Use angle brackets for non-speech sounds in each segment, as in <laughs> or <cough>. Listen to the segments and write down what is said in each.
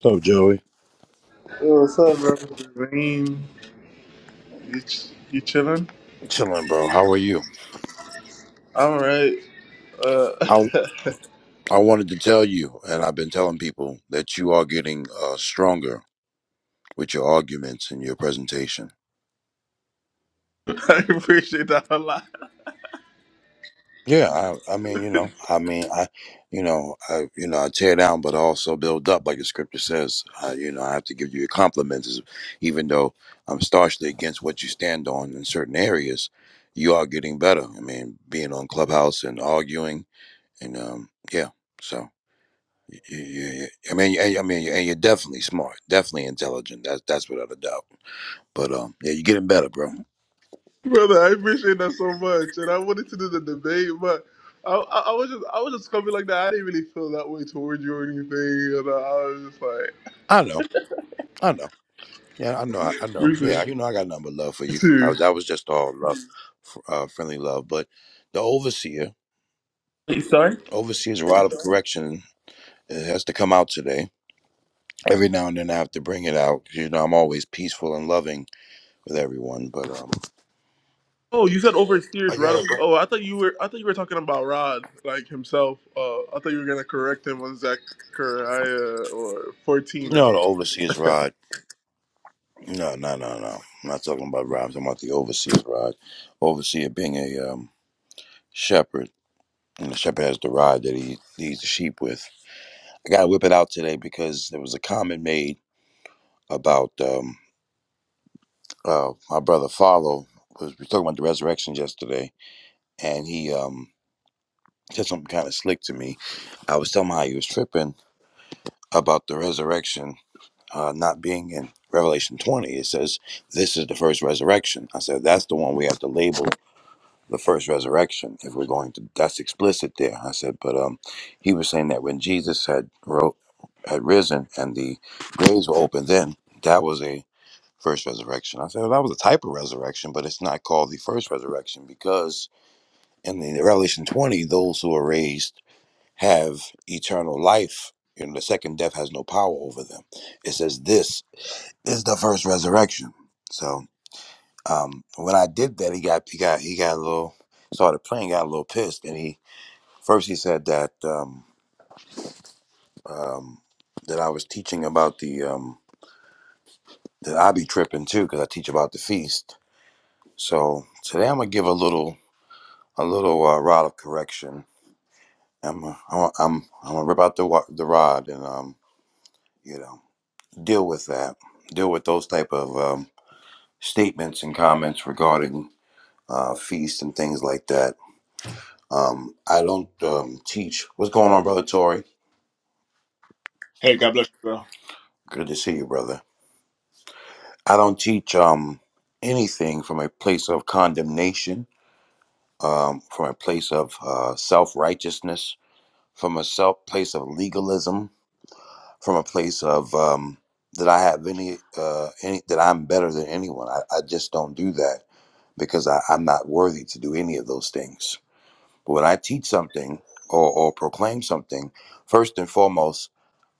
So Joey, Yo, what's up, bro? Rain, you ch- you chilling? chilling, bro. How are you? I'm alright. Uh, <laughs> I I wanted to tell you, and I've been telling people that you are getting uh, stronger with your arguments and your presentation. I appreciate that a lot, Yeah, I, I mean, you know, I mean, I, you know, I, you know, I tear down, but I also build up, like the scripture says. I, you know, I have to give you your compliments, even though I'm staunchly against what you stand on in certain areas. You are getting better. I mean, being on Clubhouse and arguing, and um, yeah, so. Yeah, yeah, yeah. I mean, and- I mean, and you're definitely smart, definitely intelligent. That's that's without a doubt. But um, yeah, you're getting better, bro. brother. I appreciate that so much, and I wanted to do the debate, but I, I, I was just I was just coming like that. I didn't really feel that way towards you or anything, and I was just like, I know, I know. Yeah, I know, I I know. Yeah, Rufus, you know, I got nothing but love for you you. I, too. that was just all love, f- uh, friendly love. But the overseer, Wait, sorry. overseer's rod of correction uh, has to come out today. Every now and then, I have to bring it out. 'cause, You know, I'm always peaceful and loving with everyone. But um, Oh, you said I oversteers got Rod. Of, to oh, I thought you were I thought you were talking about Rod, like himself. Uh, I thought you were gonna correct him on Zachariah or fourteen or no, the something. overseer's rod. No, no, no, no. I'm not talking about rods. I'm about the overseer's rod. Overseer being a um, shepherd, and the shepherd has the rod that he leads the sheep with. I got to whip it out today because there was a comment made about um, uh, my brother Follow. Was, we were talking about the resurrection yesterday, and he um, said something kind of slick to me. I was telling him how he was tripping about the resurrection uh, not being in Revelation 20. It says, This is the first resurrection. I said, That's the one we have to label the first resurrection if we're going to that's explicit there i said but um he was saying that when jesus had wrote had risen and the graves were open then that was a first resurrection i said well, that was a type of resurrection but it's not called the first resurrection because in the revelation 20 those who are raised have eternal life You know, the second death has no power over them it says this is the first resurrection so um, when I did that, he got he got he got a little started playing, got a little pissed, and he first he said that um, um, that I was teaching about the um, that I be tripping too because I teach about the feast. So today I'm gonna give a little a little uh, rod of correction. I'm uh, I'm I'm I'm gonna rip out the wa- the rod and um you know deal with that, deal with those type of um, statements and comments regarding uh, feast and things like that Um, I don't um, teach. What's going on, brother Tori? Hey, God bless you, bro. Good to see you, brother. I don't teach um, anything from a place of condemnation, um, from a place of uh, self righteousness, from a self place of legalism, from a place of um, that I have any, uh, any that I'm better than anyone. I, I just don't do that because I, I'm not worthy to do any of those things. But when I teach something or, or proclaim something, first and foremost,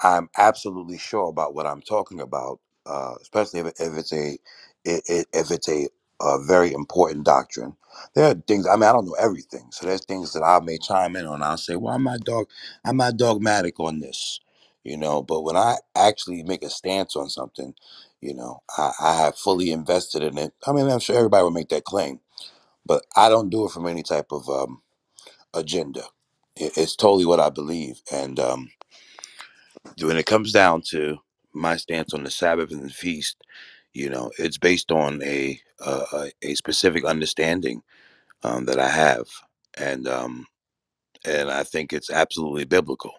I'm absolutely sure about what I'm talking about, uh, especially if, if it's a i- i- if it's a, uh very important doctrine. There are things I mean I don't know everything, so there's things that I may chime in on. I'll say, well, I'm not dog I'm not dogmatic on this, you know. But when I actually make a stance on something, you know, I, I have fully invested in it. I mean, I'm sure everybody would make that claim, but I don't do it from any type of um, agenda. It- It's totally what I believe. And um, when it comes down to my stance on the Sabbath and the feast, you know, it's based on a uh, a a specific understanding um, that I have, and um, and I think it's absolutely biblical.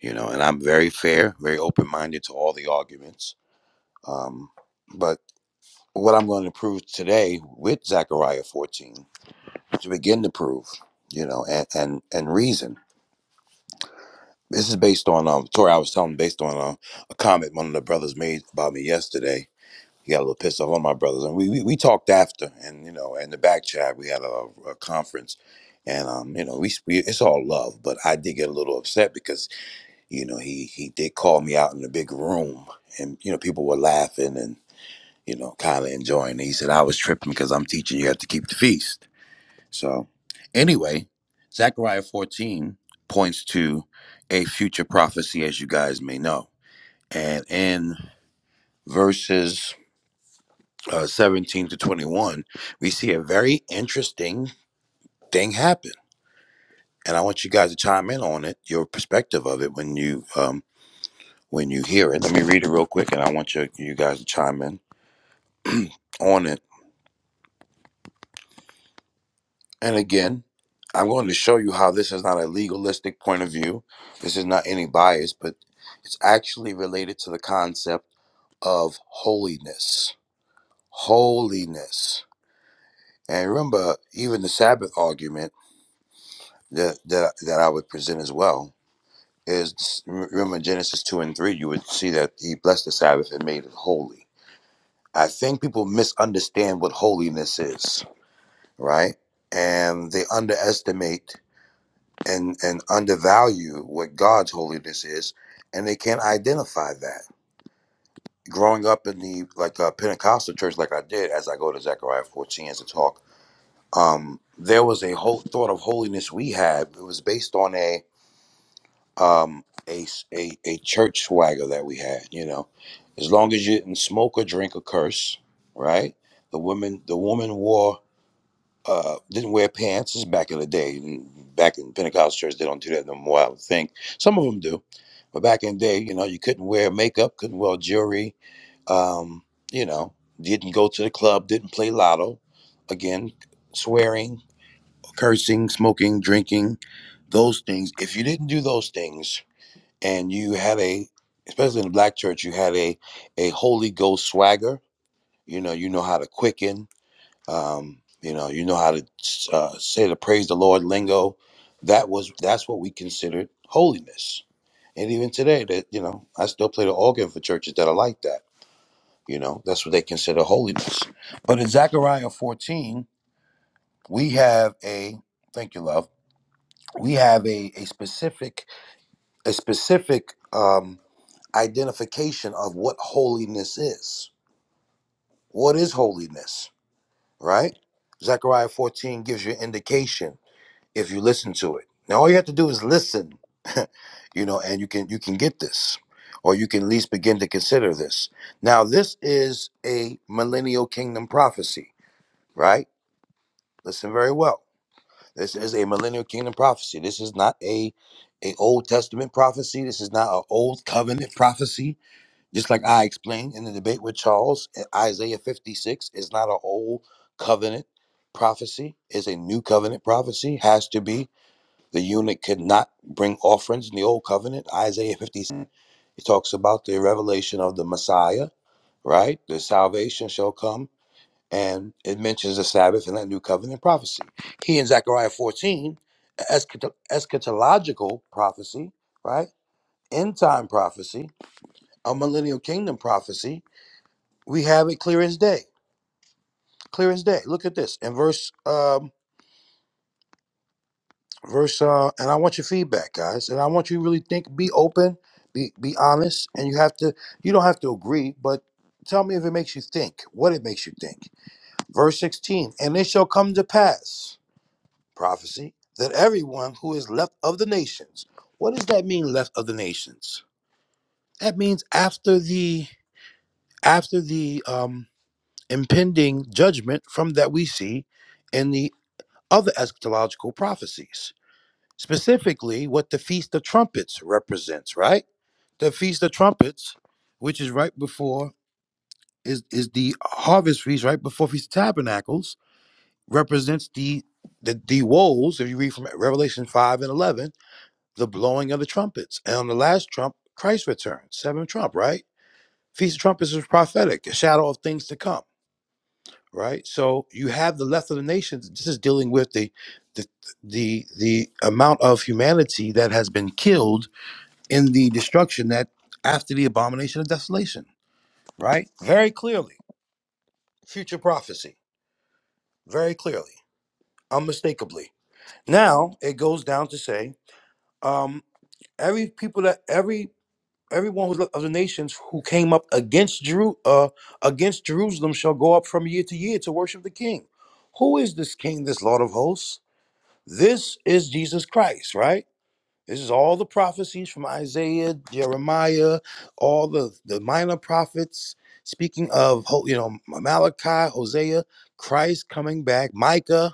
You know, and I'm very fair, very open minded to all the arguments. Um, but what I'm going to prove today with Zechariah 14 to begin to prove, you know, and and, and reason This is based on um Tori. I was telling based on um, a comment one of the brothers made about me yesterday. He got a little pissed off. One of my brothers and we, we we talked after, and you know, in the back chat we had a, a conference, and um you know we, we it's all love, but I did get a little upset because you know he he did call me out in the big room, and you know people were laughing and you know kind of enjoying. it. He said I was tripping because I'm teaching you have to keep the feast. So, anyway, Zechariah 14 points to a future prophecy, as you guys may know. And in verses uh, 17 to 21, we see a very interesting thing happen. And I want you guys to chime in on it, your perspective of it when you um, when you hear it. Let me read it real quick, and I want you you guys to chime in on it And again, I'm going to show you how this is not a legalistic point of view. This is not any bias, but it's actually related to the concept of holiness. Holiness. And remember, even the Sabbath argument that, that, that I would present as well is remember Genesis 2 and 3, you would see that he blessed the Sabbath and made it holy. I think people misunderstand what holiness is, right? And they underestimate and and undervalue what God's holiness is, and they can't identify that. Growing up in the like uh, Pentecostal church, like I did, as I go to Zechariah 14 as a talk, um, there was a whole thought of holiness we had. It was based on a um a, s- a a church swagger that we had. You know, as long as you didn't smoke or drink or curse, right? The women the woman wore uh, didn't wear pants. This is back in the day. and Back in Pentecostal church, they don't do that no more. I would think some of them do, but back in the day, you know, you couldn't wear makeup, couldn't wear jewelry. Um, you know, didn't go to the club, didn't play lotto. Again, swearing, cursing, smoking, drinking, those things. If you didn't do those things, and you had a, especially in the black church, you had a a Holy Ghost swagger. You know, you know how to quicken um, you know you know how to uh, say the praise the lord lingo that was that's what we considered holiness and even today that you know i still play the organ for churches that are like that you know that's what they consider holiness but in zechariah 14 we have a thank you love we have a, a specific a specific um, identification of what holiness is what is holiness right zechariah 14 gives you an indication if you listen to it. Now all you have to do is listen, <laughs> you know, and you can you can get this, or you can at least begin to consider this. Now this is a millennial kingdom prophecy, right? Listen very well. This is a millennial kingdom prophecy. This is not a a Old Testament prophecy. This is not an old covenant prophecy. Just like I explained in the debate with Charles, eh, Isaiah 56 is not an old covenant prophecy. It's a new covenant prophecy. Has to be. The eunuch could not bring offerings in the old covenant. Isaiah fifty-seven, it talks about the revelation of the Messiah, right? The salvation shall come, and it mentions the Sabbath in that new covenant prophecy. He in Zechariah 14, eschat- eschatological prophecy, right? End time prophecy, a millennial kingdom prophecy. We have it clear as day. Clear as day. Look at this in verse. um, verse uh and i want your feedback guys and i want you to really think be open be be honest and you have to you don't have to agree but tell me if it makes you think what it makes you think verse 16 and it shall come to pass prophecy that everyone who is left of the nations what does that mean left of the nations that means after the after the um impending judgment from that we see in the other eschatological prophecies specifically what the Feast of Trumpets represents, right? The Feast of Trumpets, which is right before is is the harvest feast, right before Feast of Tabernacles, represents the the, the woes, if you read from Revelation 5 and 11, the blowing of the trumpets. And on the last trump, Christ returns, seventh trump, right? Feast of Trumpets is prophetic, a shadow of things to come, right? So you have the left of the nations. This is dealing with the the the, the amount of humanity that has been killed in the destruction that after the abomination of desolation, right? Very clearly. Future prophecy. Very clearly. Unmistakably. Now it goes down to say, um, every people that every everyone who's of the nations who came up against Jeru uh, against Jerusalem shall go up from year to year to worship the king. Who is this king, this Lord of hosts? This is Jesus Christ, right? This is all the prophecies from Isaiah, Jeremiah, all the, the minor prophets speaking of, Ho- you know, Malachi, Hosea, Christ coming back, Micah,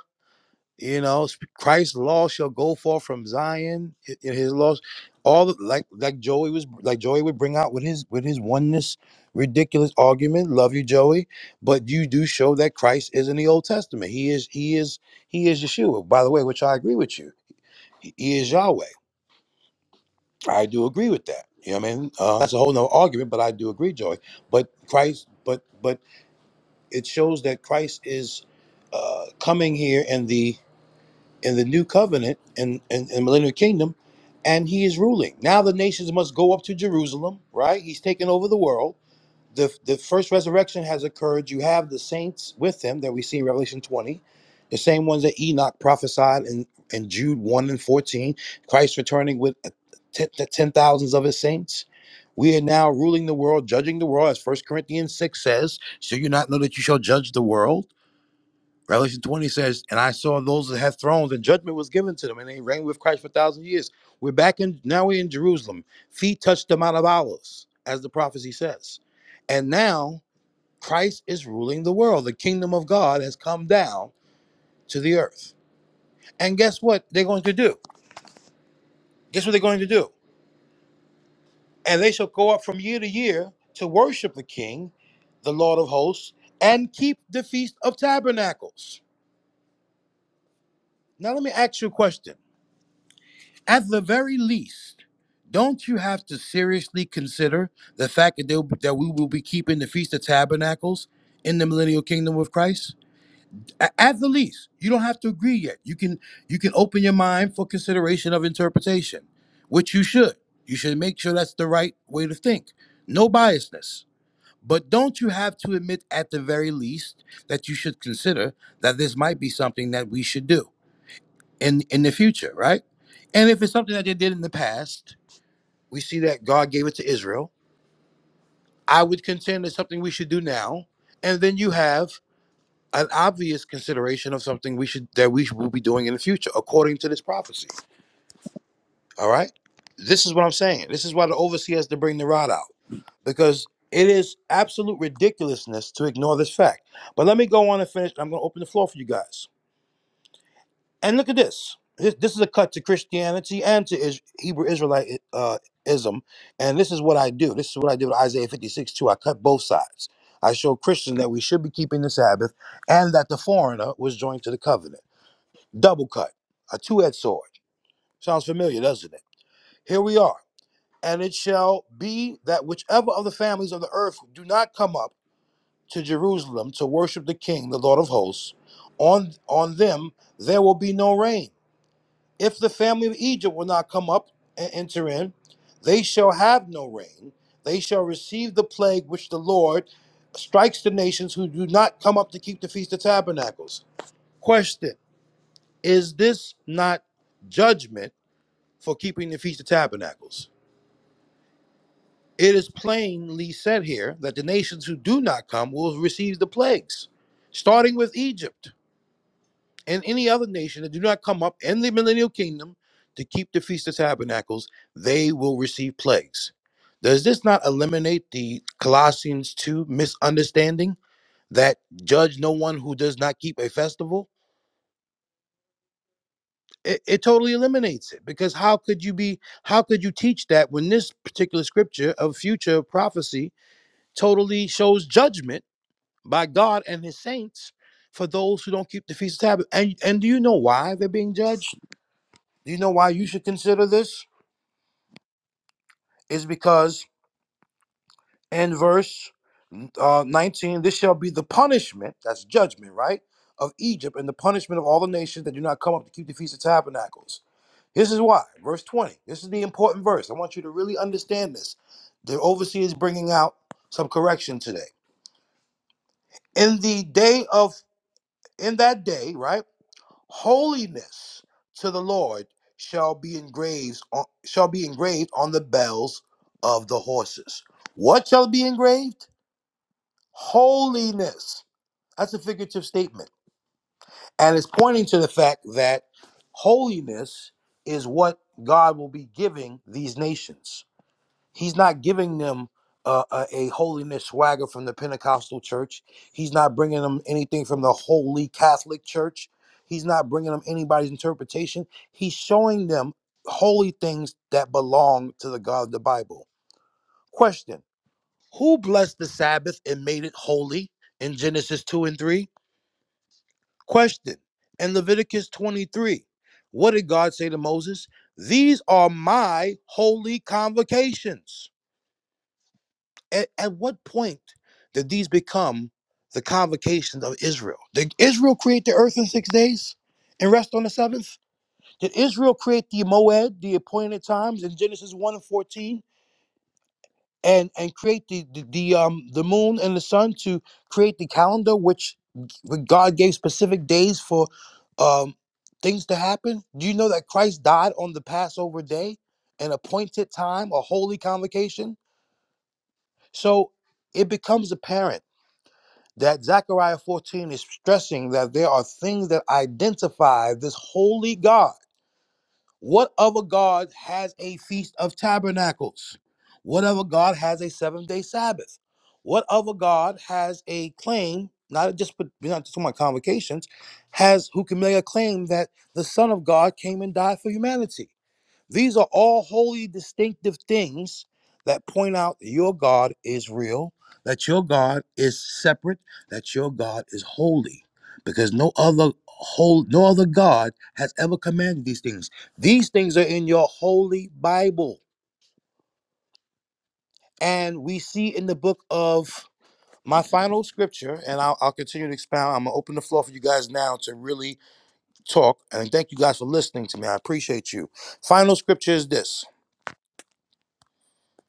you know, sp- Christ's law shall go forth from Zion, hi- hi- his laws, all the- like like Joey was like Joey would bring out with his with his oneness ridiculous argument. Love you, Joey, but you do show that Christ is in the Old Testament. He is he is he is Yeshua. By the way, which I agree with you. He he is Yahweh. I do agree with that. You know what I mean? Uh, that's a whole nother argument, but I do agree, Joy. But Christ, but but it shows that Christ is uh, coming here in the in the new covenant and in, in, in millennial kingdom, and he is ruling. Now the nations must go up to Jerusalem, right? He's taking over the world the, the first resurrection has occurred. You have the saints with them that we see in Revelation 20, the same ones that Enoch prophesied in, in Jude 1 and 14, Christ returning with a- ten, the ten thousands of his saints. We are now ruling the world, judging the world, as First Corinthians 6 says. So you not know that you shall judge the world. Revelation 20 says, And I saw those that had thrones, and judgment was given to them, and they reigned with Christ for a thousand years. We're back in, now we're in Jerusalem. Feet touched the Mount of Olives, as the prophecy says. And now Christ is ruling the world. The kingdom of God has come down to the earth. And guess what they're going to do? Guess what they're going to do? And they shall go up from year to year to worship the King, the Lord of hosts, and keep the Feast of Tabernacles. Now, let me ask you a question. At the very least, don't you have to seriously consider the fact that, they'll, that we will be keeping the Feast of Tabernacles in the millennial kingdom with Christ? A- At the least, you don't have to agree yet. You can you can open your mind for consideration of interpretation, which you should. You should make sure that's the right way to think. No biasness. But don't you have to admit at the very least that you should consider that this might be something that we should do? in in the future, right? And if it's something that they did in the past, we see that God gave it to Israel. I would contend it's something we should do now. And then you have an obvious consideration of something we should that we will be doing in the future, according to this prophecy. All right, this is what I'm saying. This is why the overseer has to bring the rod out because it is absolute ridiculousness to ignore this fact. But let me go on and finish. I'm going to open the floor for you guys. And look at this. This this is a cut to Christianity and to is- Hebrew Israelite uh, ism. And this is what I do. This is what I did with Isaiah 56 too. I cut both sides. I show Christians that we should be keeping the Sabbath and that the foreigner was joined to the covenant. Double cut, a two edged sword. Sounds familiar, doesn't it? Here we are. And it shall be that whichever of the families of the earth do not come up to Jerusalem to worship the King, the Lord of hosts, on on them there will be no rain if the family of Egypt will not come up and enter in, they shall have no rain. They shall receive the plague which the Lord strikes the nations who do not come up to keep the Feast of Tabernacles. Question Is this not judgment for keeping the Feast of Tabernacles? It is plainly said here that the nations who do not come will receive the plagues, starting with Egypt. and any other nation that do not come up in the millennial kingdom to keep the feast of tabernacles, they will receive plagues. Does this not eliminate the Colossians 2 misunderstanding that judge no one who does not keep a festival? It, it totally eliminates it because how could you be how could you teach that when this particular scripture of future prophecy totally shows judgment by God and his saints for those who don't keep the feast of tabernacles? And and do you know why they're being judged? You know why you should consider this? Is because in verse uh, 19, this shall be the punishment, that's judgment, right? Of Egypt and the punishment of all the nations that do not come up to keep the Feast of Tabernacles. This is why. Verse 20. This is the important verse. I want you to really understand this. The overseer is bringing out some correction today. In the day of, in that day, right? holiness to the Lord shall be engraved on, shall be engraved on the bells of the horses. What shall be engraved? Holiness. That's a figurative statement. And it's pointing to the fact that holiness is what God will be giving these nations. He's not giving them uh, a, a holiness swagger from the Pentecostal church. He's not bringing them anything from the Holy Catholic Church. He's not bringing them anybody's interpretation. He's showing them holy things that belong to the God of the Bible. Question Who blessed the Sabbath and made it holy in Genesis 2 and 3? Question In Leviticus 23, what did God say to Moses? These are my holy convocations. At, at what point did these become the convocations of Israel? Did Israel create the earth in six days and rest on the seventh? Did Israel create the moed, the appointed times, in Genesis one and fourteen, and and create the the, the um the moon and the sun to create the calendar, which God gave specific days for um things to happen? Do you know that Christ died on the Passover day, an appointed time, a holy convocation? So it becomes apparent that Zechariah 14 is stressing that there are things that identify this holy God. What other God has a feast of tabernacles? What other God has a seventh day Sabbath? What other God has a claim, not just but not just talking about convocations, has who can make a claim that the Son of God came and died for humanity? These are all wholly distinctive things that point out that your God is real, that your God is separate, that your God is holy, because no other whole, no other God has ever commanded these things. These things are in your holy Bible, and we see in the book of my final scripture, and I'll, I'll continue to expound. I'm gonna open the floor for you guys now to really talk, and thank you guys for listening to me. I appreciate you. Final scripture is this,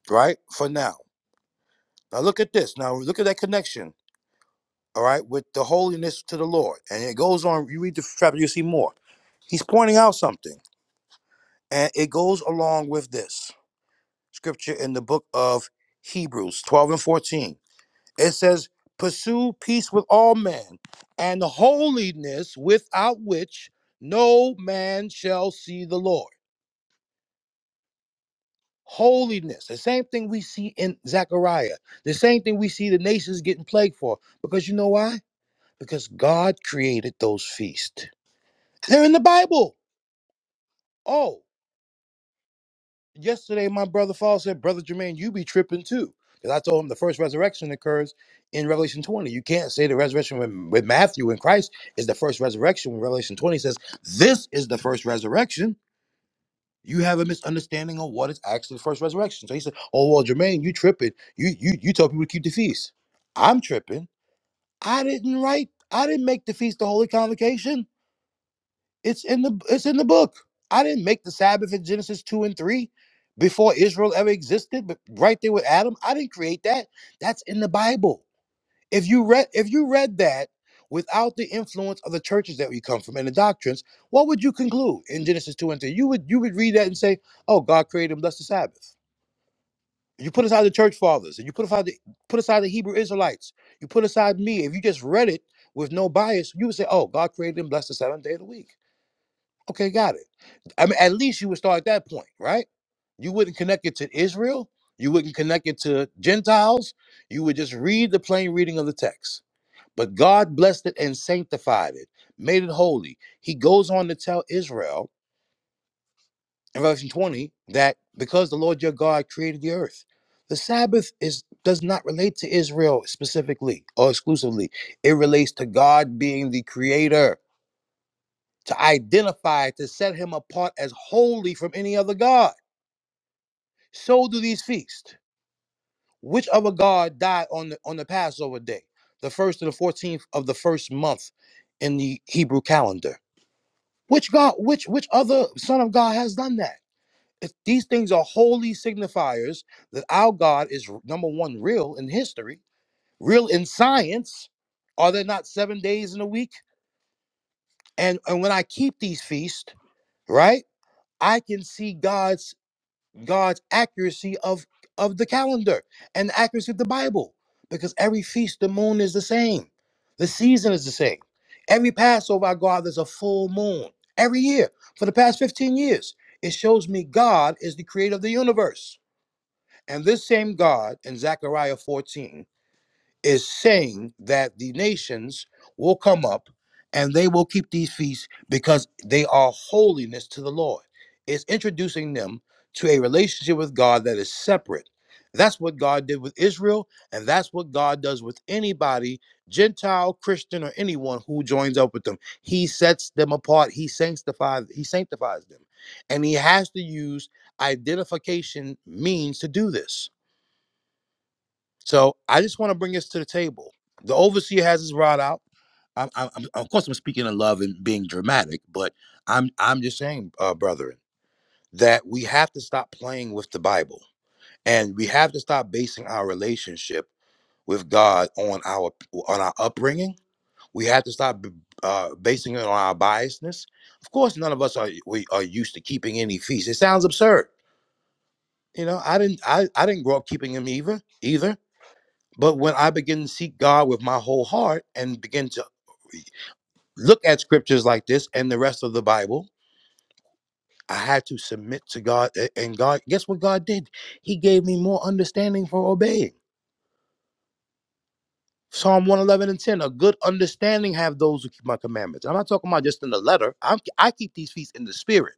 right? For now. Now look at this. Now look at that connection, all right, with the holiness to the Lord. And it goes on, you read the chapter, you see more. He's pointing out something. And it goes along with this scripture in the book of Hebrews 12 and 14. It says, Pursue peace with all men and holiness without which no man shall see the Lord. Holiness, the same thing we see in Zechariah, the same thing we see the nations getting plagued for. Because you know why? because God created those feasts. They're in the Bible. Oh, yesterday my brother Fall said, Brother Jermaine, you be tripping too. Because I told him the first resurrection occurs in Revelation 20. You can't say the resurrection with, with Matthew and Christ is the first resurrection when Revelation 20 says this is the first resurrection. You have a misunderstanding of what is actually the first resurrection. So he said, Oh well, Jermaine, you tripping. You you you tell people to keep the feast. I'm tripping. I didn't write, I didn't make the feast the holy convocation. It's in the it's in the book. I didn't make the Sabbath in Genesis 2 and 3 before Israel ever existed, but right there with Adam, I didn't create that. That's in the Bible. If you read if you read that without the influence of the churches that we come from and the doctrines, what would you conclude in Genesis 2 and 3? You would you would read that and say, Oh, God created and blessed the Sabbath. You put aside the church fathers and you put aside the put aside the Hebrew Israelites. You put aside me. If you just read it with no bias, you would say, Oh, God created and blessed the seventh day of the week Okay, got it. I mean, at least you would start at that point, right? You wouldn't connect it to Israel. You wouldn't connect it to Gentiles. You would just read the plain reading of the text. But God blessed it and sanctified it, made it holy. He goes on to tell Israel in Revelation 20 that because the Lord your God created the earth, the Sabbath is does not relate to Israel specifically or exclusively. It relates to God being the creator to identify, to set him apart as holy from any other god. So do these feasts. Which other god died on the on the Passover day, the first to the fourteenth of the first month in the Hebrew calendar? Which god? Which which other son of God has done that? If these things are holy signifiers that our God is number one real in history, real in science. Are there not seven days in a week? And and when I keep these feasts, right? I can see God's God's accuracy of of the calendar and the accuracy of the Bible, because every feast the moon is the same, the season is the same. Every Passover I go out, there's a full moon every year for the past 15 years. It shows me God is the creator of the universe, and this same God in Zechariah 14 is saying that the nations will come up and they will keep these feasts because they are holiness to the Lord. It's introducing them to a relationship with God that is separate. That's what God did with Israel, and that's what God does with anybody, Gentile, Christian, or anyone who joins up with them. He sets them apart, he sanctifies, he sanctifies them. And he has to use identification means to do this. So I just want to bring this to the table. The overseer has his rod out. I'm, I'm, I'm- of course, I'm speaking in love and being dramatic, but I'm, I'm just saying, uh, brethren, that we have to stop playing with the Bible, and we have to stop basing our relationship with God on our, on our upbringing. We have to stop b- uh, basing it on our biasness. Of course, none of us are we are used to keeping any feast. It sounds absurd. You know, I didn't, I, I didn't grow up keeping him either, either. But when I begin to seek God with my whole heart and begin to look at scriptures like this and the rest of the Bible, I had to submit to God. a- And God, guess what God did? He gave me more understanding for obeying. Psalm 111 and 10, a good understanding have those who keep my commandments. I'm not talking about just in the letter. I'm, I keep these feasts in the spirit.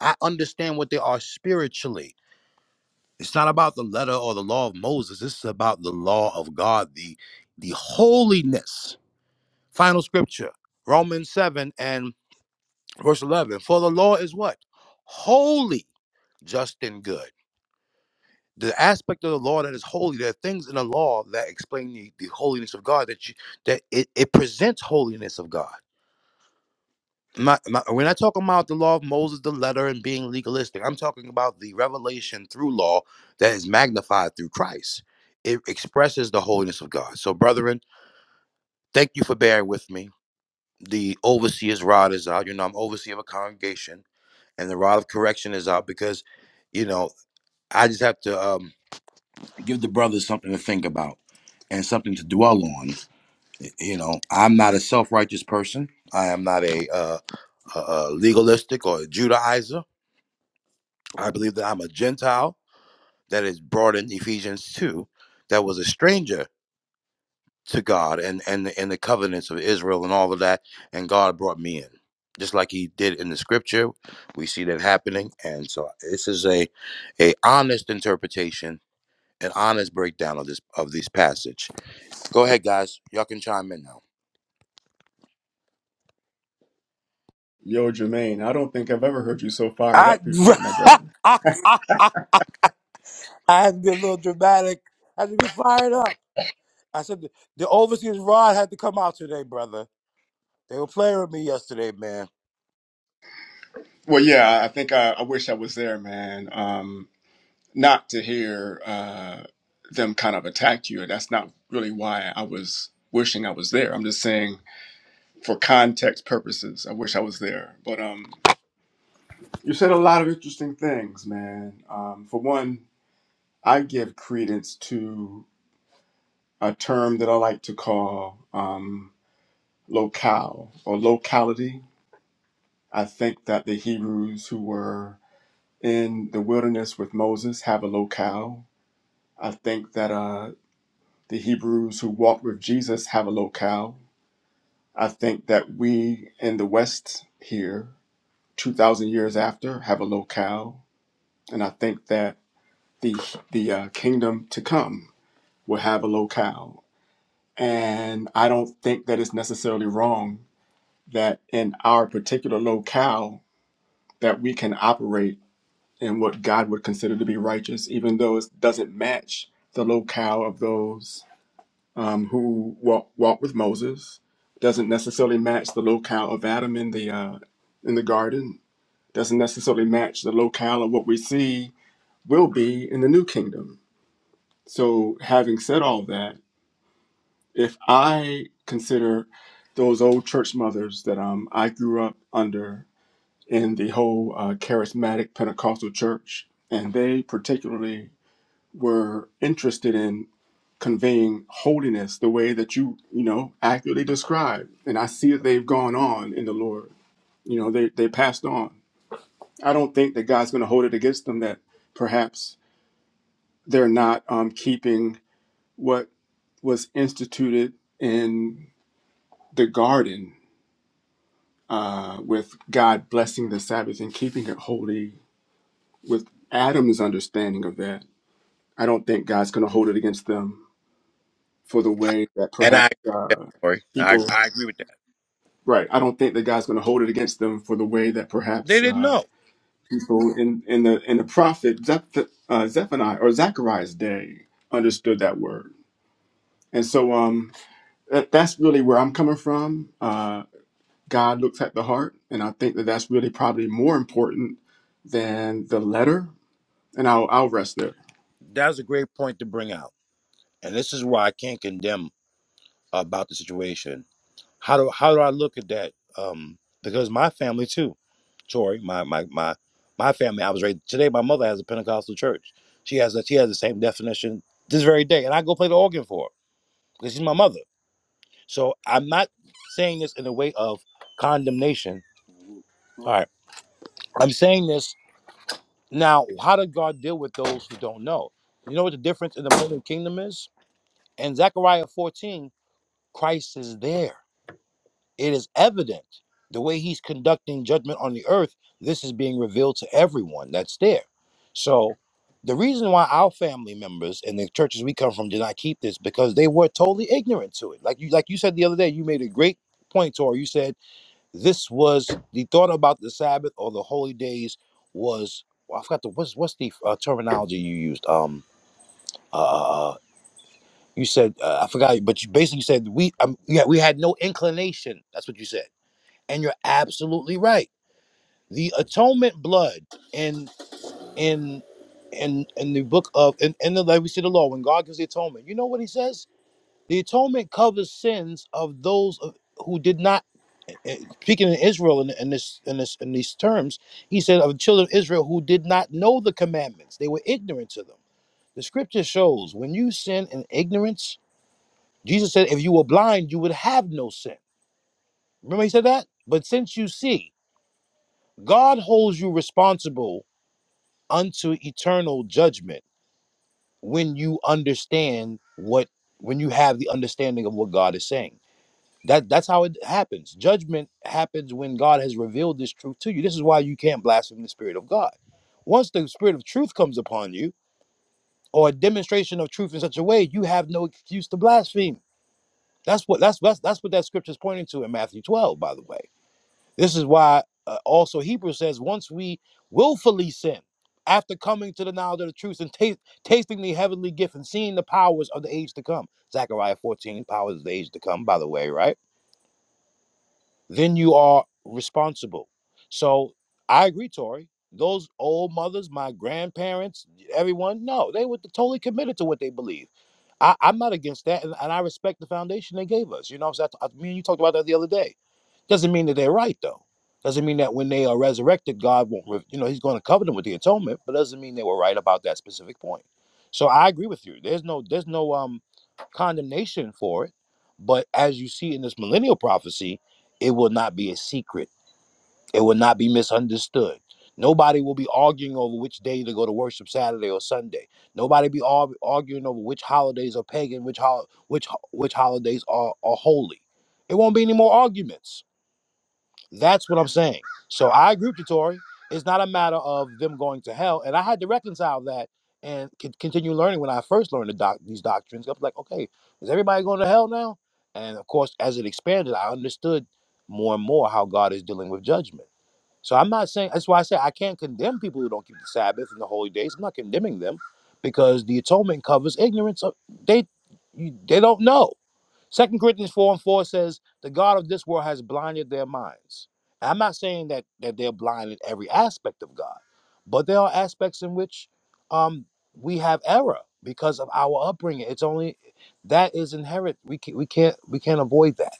I understand what they are spiritually. It's not about the letter or the law of Moses. This is about the law of God, the, the holiness Final scripture, Romans 7 and verse 11. For the law is what? Holy, just, and good. The aspect of the law that is holy, there are things in the law that explain the, the holiness of God, that you, that it, it presents holiness of God. My, my, we're not talking about the law of Moses, the letter, and being legalistic. I'm talking about the revelation through law that is magnified through Christ. It expresses the holiness of God. So, brethren, thank you for bearing with me. the overseer's rod is out. You know, I'm overseer of a congregation, and the rod of correction is out because, you know, I just have to um, give the brothers something to think about and something to dwell on. You know, I'm not a self righteous person. I am not a, uh, a, a legalistic or a Judaizer. I believe that I'm a Gentile that is brought in Ephesians 2 that was a stranger to God and and the- and the covenants of Israel and all of that, and God brought me in, just like He did in the Scripture. We see that happening, and so this is a a honest interpretation, an honest breakdown of this of this passage. Go ahead, guys. Y'all can chime in now. Yo, Jermaine, I don't think I've ever heard you so fired I, up before, my brother. <laughs> I had to be a little dramatic. I had to be fired up. I said, the overseas rod had to come out today, brother. They were playing with me yesterday, man. Well, yeah, I think I, I wish I was there, man. Um, not to hear uh, them kind of attack you. That's not really why I was wishing I was there. I'm just saying, for context purposes, I wish I was there. But um, you said a lot of interesting things, man. Um, for one, I give credence to a term that I like to call um, locale or locality. I think that the Hebrews who were in the wilderness with Moses have a locale. I think that uh, the Hebrews who walked with Jesus have a locale. I think that we in the West here, 2,000 years after, have a locale. And I think that the, the uh, kingdom to come will have a locale. And I don't think that it's necessarily wrong that in our particular locale that we can operate and what God would consider to be righteous, even though it doesn't match the locale of those um, who walk, walk with Moses, doesn't necessarily match the locale of Adam in the uh, in the garden, doesn't necessarily match the locale of what we see will be in the new kingdom. So, having said all that, if I consider those old church mothers that um, I grew up under in the whole uh, charismatic Pentecostal church, and they particularly were interested in conveying holiness the way that you you know accurately described and i see that they've gone on in the lord you know they they passed on i don't think that god's going to hold it against them that perhaps they're not um, keeping what was instituted in the garden uh, with god blessing the sabbath and keeping it holy with adam's understanding of that i don't think god's going to hold it against them for the way that And perhaps I, uh, agree. I people I agree with that. right i don't think that god's going to hold it against them for the way that They perhaps didn't uh, know. people in, in the in the prophet Zeph- uh, zephaniah or zachariah's day understood that word and so um that, that's really where i'm coming from uh, god looks at the heart and i think that that's really probably more important than the letter and i'll, I'll rest there That's a great point to bring out, and this is why I can't condemn about the situation. How do how do I look at that? Um, because my family too, Tori, my my my my family. I was raised today. My mother has a Pentecostal church. She has a, she has the same definition this very day, and I go play the organ for her because she's my mother. So I'm not saying this in a way of condemnation. All right, I'm saying this now. How did God deal with those who don't know? You know what the difference in the millennial kingdom is? In Zechariah 14, Christ is there. It is evident. The way he's conducting judgment on the earth, this is being revealed to everyone that's there. So the reason why our family members and the churches we come from did not keep this because they were totally ignorant to it. Like you like you said the other day, you made a great point, Tor. You said this was the thought about the Sabbath or the holy days was well, I forgot the what's what's the uh, terminology you used. Um Uh. uh, uh, you said uh, I forgot, but you basically said we um, yeah we had no inclination. That's what you said, and you're absolutely right. The atonement blood in in in in the book of in, in the like we see the law when God gives the atonement. You know what He says? The atonement covers sins of those of, who did not. eh, eh, Speaking in Israel in, in this in this in these terms, He said of the children of Israel who did not know the commandments, they were ignorant to them. The Scripture shows when you sin in ignorance Jesus said, if you were blind, you would have no sin. Remember, he said that? But since you see, God holds you responsible unto eternal judgment when you understand what, when you have the understanding of what God is saying. That, that's how it happens. Judgment happens when God has revealed this truth to you. This is why you can't blaspheme the Spirit of God. Once the Spirit of truth comes upon you, or a demonstration of truth in such a way, you have no excuse to blaspheme. That's what that's that's, that's what that scripture is pointing to in Matthew 12, by the way This is why uh, also Hebrews says, once we willfully sin, after coming to the knowledge of the truth and ta- tasting the heavenly gift and seeing the powers of the age to come, Zechariah 14, powers of the age to come, by the way, right? Then you are responsible. So I agree, Tori. Those old mothers, my grandparents, everyone, no, they were totally committed to what they believe. I, I'm not against that, and, and I respect the foundation they gave us. You know, what I, I, me and you talked about that the other day. Doesn't mean that they're right though. Doesn't mean that when they are resurrected, God won't. Re- you know, He's going to cover them with the atonement, but doesn't mean they were right about that specific point. So I agree with you. There's no, there's no um condemnation for it, but as you see in this millennial prophecy, it will not be a secret. It will not be misunderstood. Nobody will be arguing over which day to go to worship, Saturday or Sunday. Nobody be arg- arguing over which holidays are pagan, which hol- which ho- which holidays are are holy. It won't be any more arguments. That's what I'm saying. So I agree with you, Tori. It's not a matter of them going to hell, and I had to reconcile that and con- continue learning when I first learned the doc- these doctrines. I was like, okay, is everybody going to hell now? And of course, as it expanded, I understood more and more how God is dealing with judgment. So I'm not saying that's why I say I can't condemn people who don't keep the Sabbath and the holy days. I'm not condemning them because the atonement covers ignorance. Of, they you, they don't know. Second Corinthians four and four says the God of this world has blinded their minds. And I'm not saying that that they're blind in every aspect of God, but there are aspects in which um, we have error because of our upbringing. It's only that is inherent. We can, we can't we can't avoid that.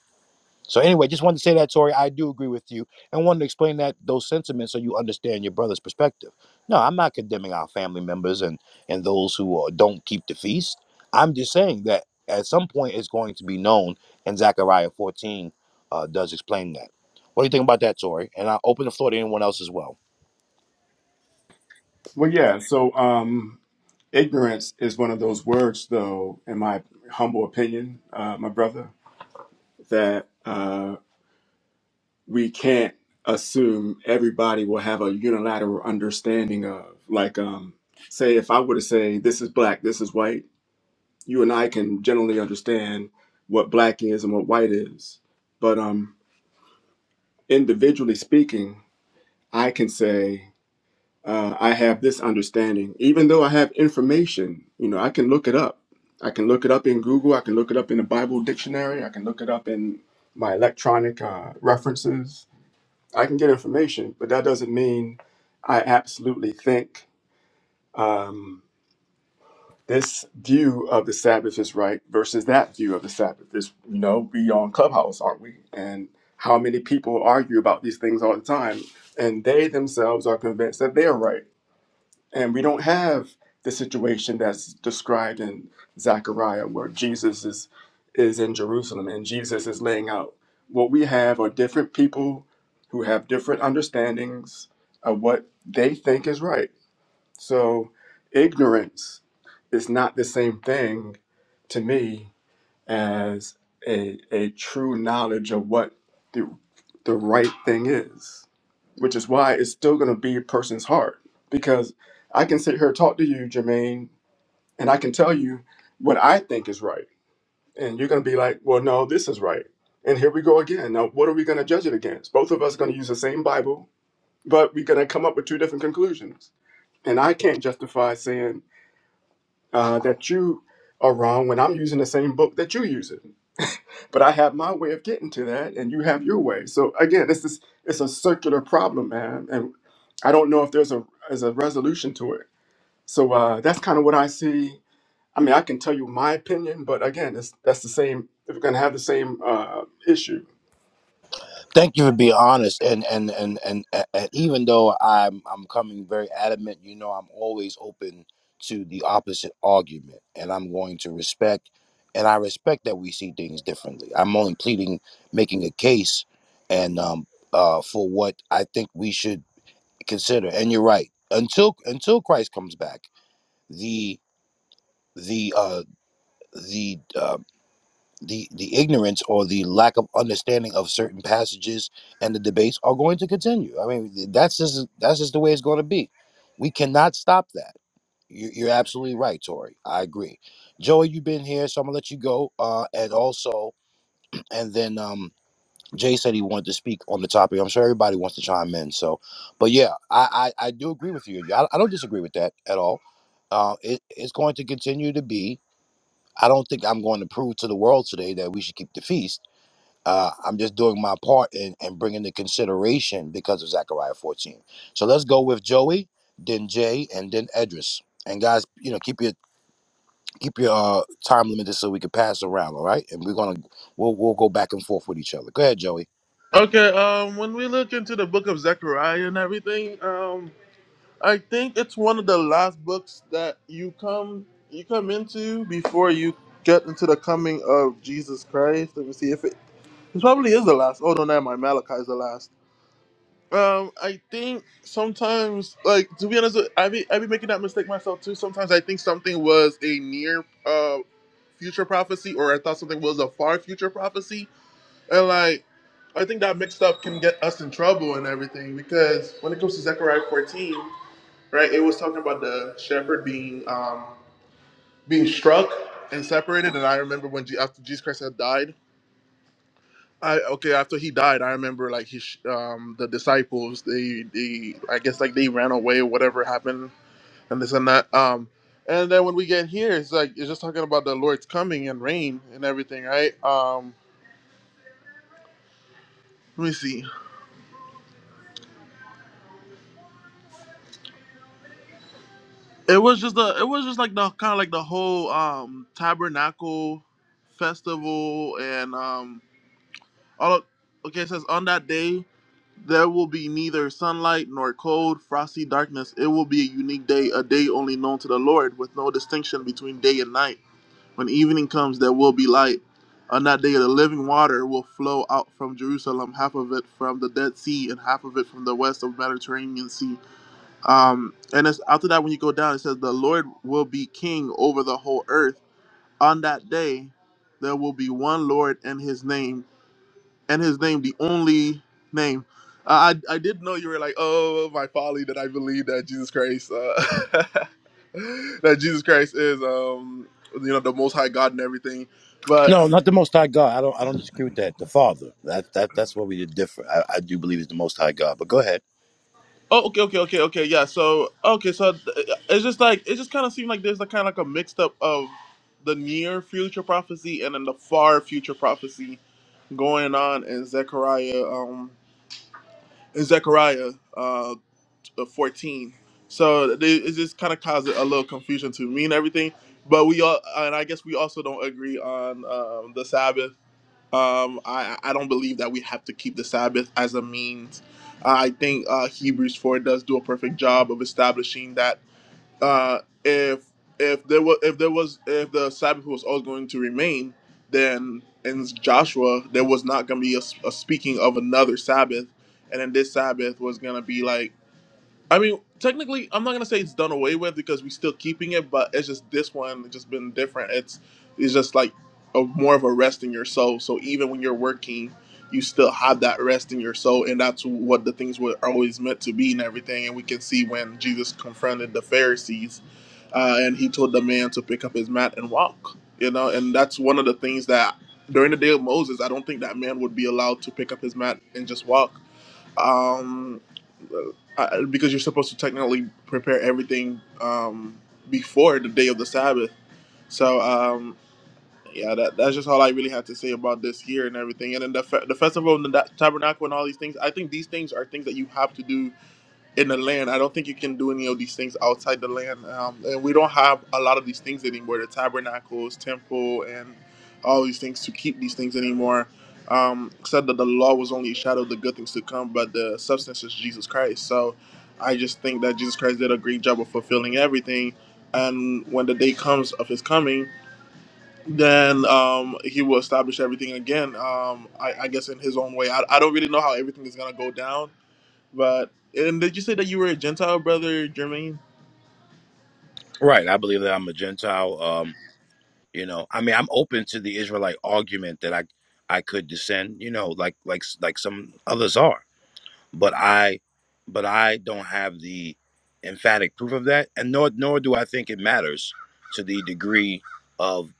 So anyway, just wanted to say that, Tori. I do agree with you, and wanted to explain that those sentiments so you understand your brother's perspective. No, I'm not condemning our family members and and those who uh, don't keep the feast. I'm just saying that at some point it's going to be known, and Zechariah 14 uh, does explain that. What do you think about that, Tori? And I'll open the floor to anyone else as well. well yeah so um ignorance is one of those words though in my humble opinion uh, my brother that uh, we can't assume everybody will have a unilateral understanding of. Like, um, say, if I were to say this is black, this is white, you and I can generally understand what black is and what white is. But um, individually speaking, I can say uh, I have this understanding, even though I have information. You know, I can look it up. I can look it up in Google. I can look it up in a Bible dictionary. I can look it up in my electronic uh, references I can get information, but that doesn't mean I absolutely think um, this view of the Sabbath is right versus that view of the Sabbath. Is you know we on Clubhouse, aren't we? And how many people argue about these things all the time, and they themselves are convinced that they are right. And we don't have the situation that's described in Zechariah where Jesus is is in Jerusalem and Jesus is laying out. What we have are different people who have different understandings of what they think is right. So ignorance is not the same thing to me as a, a true knowledge of what the, the right thing is, which is why it's still going to be a person's heart. Because I can sit here and talk to you, Jermaine, and I can tell you what I think is right. And you're going to be like, well, no, this is right. And here we go again. Now, what are we going to judge it against? Both of us are going to use the same Bible, but we're going to come up with two different conclusions. And I can't justify saying uh, that you are wrong when I'm using the same book that you use it but I have my way of getting to that, and you have your way. So again, this is it's a circular problem, man, and I don't know if there's a as a resolution to it. So uh, that's kind of what I see. I mean, I can tell you my opinion, but again, it's, that's the same. If we're gonna have the same uh, issue, thank you for being honest and and and and, and, even though i'm i'm coming very adamant you know i'm always open to the opposite argument and i'm going to respect and i respect that we see things differently i'm only pleading making a case and um uh for what i think we should consider and you're right until until christ comes back the the uh the uh the the ignorance or the lack of understanding of certain passages and the debates are going to continue. I mean, that's just that's just the way it's going to be. We cannot stop that. You- You're absolutely right, Tori. I agree. Joey, you've been here, so I'm gonna let you go. Uh, and also, <clears throat> and then um, Jay said he wanted to speak on the topic. I'm sure everybody wants to chime in. So, but yeah, I I, I do agree with you. Yeah, I, I don't disagree with that at all. Uh, it, it's going to continue to be. I don't think I'm going to prove to the world today that we should keep the feast uh, I'm just doing my part in, in bringing the consideration because of Zechariah 14. So let's go with Joey, then Jay, and then Edris. And guys, you know, keep your keep your uh, time limited so we can pass around, all right? And we're gonna we'll we'll go back and forth with each other. Go ahead, Joey. Okay, um, when we look into the book of Zechariah and everything, um, I think it's one of the last books that you come you come into before you get into the coming of Jesus Christ. Let me see if it it probably is the last. Oh no, never mind. Malachi is the last. Um, I think sometimes, like to be honest, I be I be making that mistake myself too. Sometimes I think something was a near uh future prophecy, or I thought something was a far future prophecy and like, I think that mixed up can get us in trouble and everything because when it comes to Zechariah 14, right, it was talking about the shepherd being um, being struck and separated. And I remember when Je- after Jesus Christ had died, I okay after he died, I remember like he sh- um, the disciples they they I guess like they ran away or whatever happened and this and that. Um, and then when we get here, it's like it's just talking about the Lord's coming and reign and everything, right? Um, let me see. It was just the it was just like the kind of like the whole um tabernacle festival and um all of, okay it says on that day there will be neither sunlight nor cold frosty darkness it will be a unique day a day only known to the Lord with no distinction between day and night when evening comes there will be light on that day the living water will flow out from Jerusalem half of it from the Dead Sea and half of it from the west of Mediterranean Sea um, and it's after that when you go down, it says the Lord will be king over the whole earth. On that day, there will be one Lord and His name, and His name the only name. Uh, I I did know you were like, oh my folly that I believe that Jesus Christ, uh, <laughs> that Jesus Christ is um you know the Most High God and everything, but No, not the Most High God. I don't. I don't disagree with that. The Father. That that that's what we did different. I, I do believe it's the Most High God. But go ahead. Oh, okay, okay, okay, okay. Yeah. So, okay, so th- uh, it's just like it just kind of seemed like there's like kind of like a mixed up of the near future prophecy and then the far future prophecy going on in Zechariah, um, in Zechariah, uh, 14. So they, it just kind of caused a little confusion to me and everything. But we all, and I guess we also don't agree on um, the Sabbath um, I, I don't believe that we have to keep the Sabbath as a means. Uh, I think uh, Hebrews four does do a perfect job of establishing that uh, if if there was if there was if the Sabbath was always going to remain, then in Joshua there was not going to be a, a speaking of another Sabbath, and then this Sabbath was going to be like I mean, technically, I'm not gonna say it's done away with because we're still keeping it, but it's just this one it's just been different. It's it's just like a more of a rest in your soul. So even when you're working, you still have that rest in your soul, and that's what the things were always meant to be and everything. And we can see when Jesus confronted the Pharisees, uh, and he told the man to pick up his mat and walk. You know, and that's one of the things that during the day of Moses, I don't think that man would be allowed to pick up his mat and just walk um, I, because you're supposed to technically prepare everything um, before the day of the Sabbath. So um, yeah, that, that's just all I really had to say about this year and everything. And then the, fe- the festival and the da- tabernacle and all these things. I think these things are things that you have to do in the land. I don't think you can do any of these things outside the land. Um, and we don't have a lot of these things anymore the tabernacles, temple, and all these things to keep these things anymore. Um, said that the law was only a shadow of the good things to come, but the substance is Jesus Christ. So I just think that Jesus Christ did a great job of fulfilling everything. And when the day comes of his coming, then um, he will establish everything again. Um, I, I guess in his own way. I, I don't really know how everything is gonna go down but and did you say that you were a Gentile brother, Jermaine? Right. I believe that I'm a Gentile. Um, You know, I mean, I'm open to the Israelite argument that I I could descend. You know, like like like some others are, but I but I don't have the emphatic proof of that, and nor nor do I think it matters to the degree of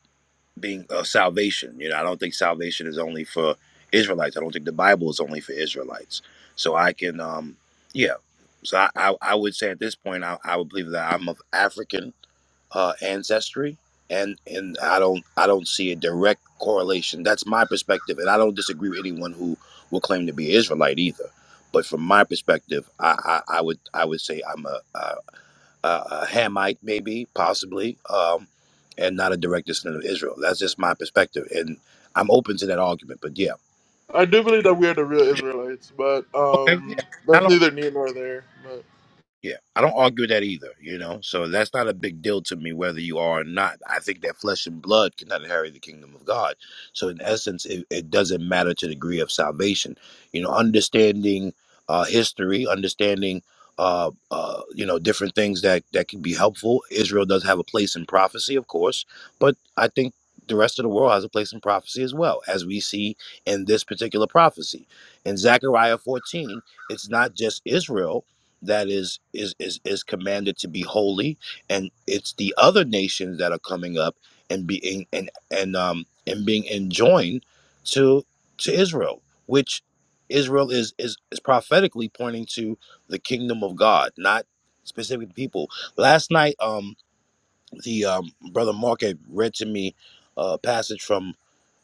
being of salvation. You know, I don't think salvation is only for Israelites. I don't think the Bible is only for Israelites. So I can, um, yeah. So I, I, I would say at this point, I, I would believe that I'm of African uh, ancestry, and and I don't I don't see a direct correlation. That's my perspective, and I don't disagree with anyone who will claim to be Israelite either. But from my perspective, I, I, I would I would say I'm a, a, a Hamite, maybe possibly, um, and not a direct descendant of Israel. That's just my perspective, and I'm open to that argument. But yeah, I do believe that we are the real Israelites, but Okay, yeah. um, I that's don't. neither near nor there. But Yeah, I don't argue with that either, you know? So that's not a big deal to me whether you are or not. I think that flesh and blood cannot inherit the kingdom of God. So, in essence, it, it doesn't matter to the degree of salvation. You know, understanding uh, history, understanding, uh, uh, you know, different things that, that can be helpful. Israel does have a place in prophecy, of course, but I think the rest of the world has a place in prophecy as well, as we see in this particular prophecy. In Zechariah 14, it's not just Israel that is is is is commanded to be holy and it's the other nations that are coming up and being and and um and being enjoined to to Israel which Israel is is is prophetically pointing to the kingdom of God not specific people last night um the um brother Mark had read to me a passage from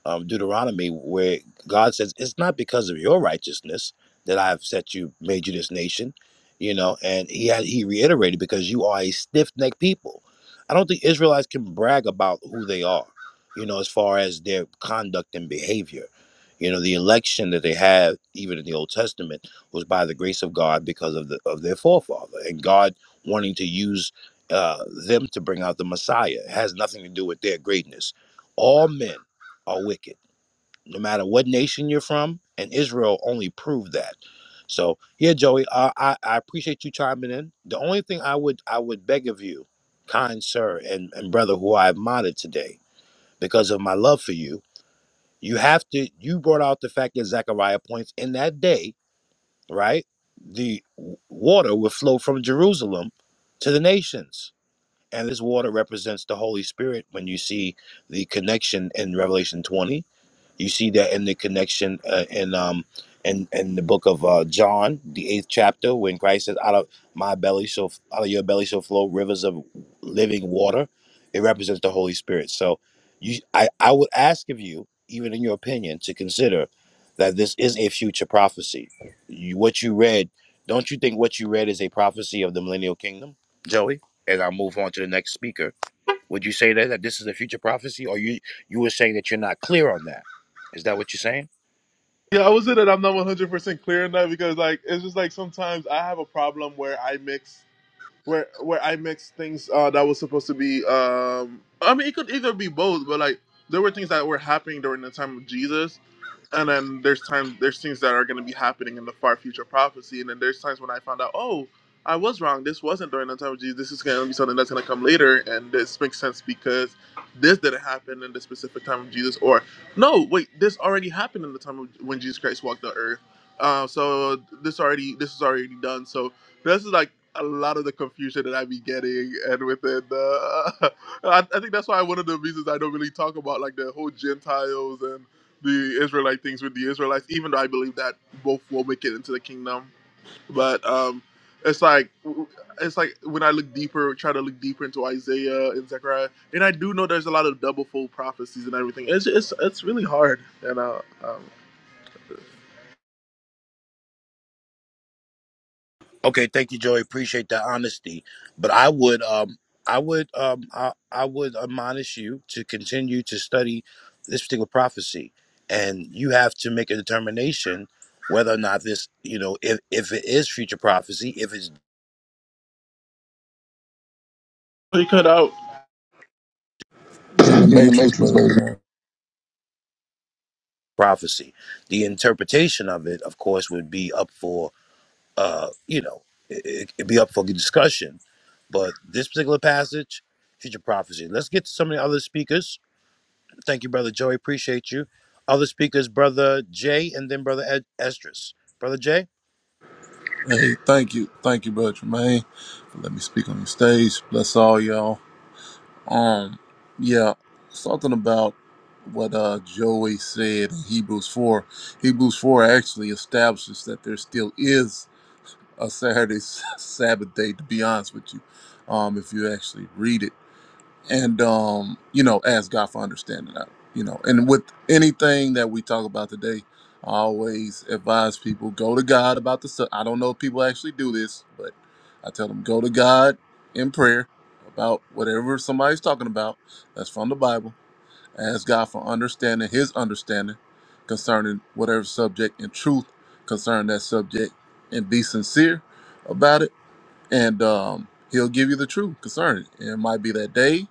um, Deuteronomy, where God says, "It's not because of your righteousness that I have set you, made you this nation," you know, and he had he reiterated because you are a stiff necked people. I don't think Israelites can brag about who they are, you know, as far as their conduct and behavior. You know, the election that they had, even in the Old Testament, was by the grace of God because of the of their forefather and God wanting to use uh, them to bring out the Messiah. It has nothing to do with their greatness all men are wicked, no matter what nation you're from. And Israel only proved that. So here, Joey, uh, I I appreciate you chiming in. The only thing I would I would beg of you, kind sir and and brother who I admired today, because of my love for you, you have to. You brought out the fact that Zechariah points in that day, right? The w- water would flow from Jerusalem to the nations. And this water represents the Holy Spirit when you see the connection in Revelation 20 you see that in the connection uh, in um in in the book of uh, John, the eighth chapter, when Christ says, "Out of my belly shall out of your belly shall flow rivers of living water." It represents the Holy Spirit. So, you, I, I would ask of you, even in your opinion, to consider that this is a future prophecy. You, what you read, don't you think what you read is a prophecy of the millennial kingdom, Joey? And I'll move on to the next speaker. Would you say that that this is a future prophecy, or you you were saying that you're not clear on that? Is that what you're saying? yeah, I would say that I'm not 100 percent clear on that because like it's just like sometimes I have a problem where I mix where where I mix things uh, that was supposed to be. Um, I mean, it could either be both, but like there were things that were happening during the time of Jesus and then there's time. there's things that are going to be happening in the far future prophecy and then there's times when i found out oh i was wrong this wasn't during the time of jesus this is going to be something that's going to come later and this makes sense because this didn't happen in the specific time of jesus or no wait this already happened in the time of when jesus christ walked the earth uh, so this already this is already done so this is like a lot of the confusion that I be getting, and within the, <laughs> I, I think that's why one of the reasons I don't really talk about like the whole Gentiles and the Israelite things with the Israelites, even though I believe that both will make it into the kingdom. But um, it's like it's like when I look deeper, try to look deeper into Isaiah and Zechariah, and I do know there's a lot of double fold prophecies and everything. It's it's it's really hard, you know. Um, Okay, thank you, Joey. Appreciate that honesty. But I would um I would um I, I would admonish you to continue to study this particular prophecy, and you have to make a determination whether or not this you know if if it is future prophecy, if it's he cut out. in the in the matrix, matrix, brother baby. Jermaine. prophecy. The interpretation of it, of course, would be up for uh, you know, it, it'd be up for discussion. But this particular passage, future prophecy. Let's get to some of the other speakers. Thank you, Brother Joey. Appreciate you. Other speakers, Brother Jay, and then Brother Ed- Estrus. Brother Jay? Hey, thank you, thank you, brother Jermaine, for letting me speak on your stage. Bless all y'all. Um, yeah, something about what uh Joey said in Hebrews four. Hebrews four actually establishes that there still is a Saturday <laughs> Sabbath day. To be honest with you, um, if you actually read it. and um, you know, ask God for understanding. I- You know, and with anything that we talk about today, I always advise people go to God about the. sub- I don't know if people actually do this, but I tell them go to God in prayer about whatever somebody's talking about that's from the Bible. Ask God for understanding, His understanding concerning whatever subject and truth concerning that subject, and be sincere about it and um, he'll give you the truth concerning it. And it might be that day,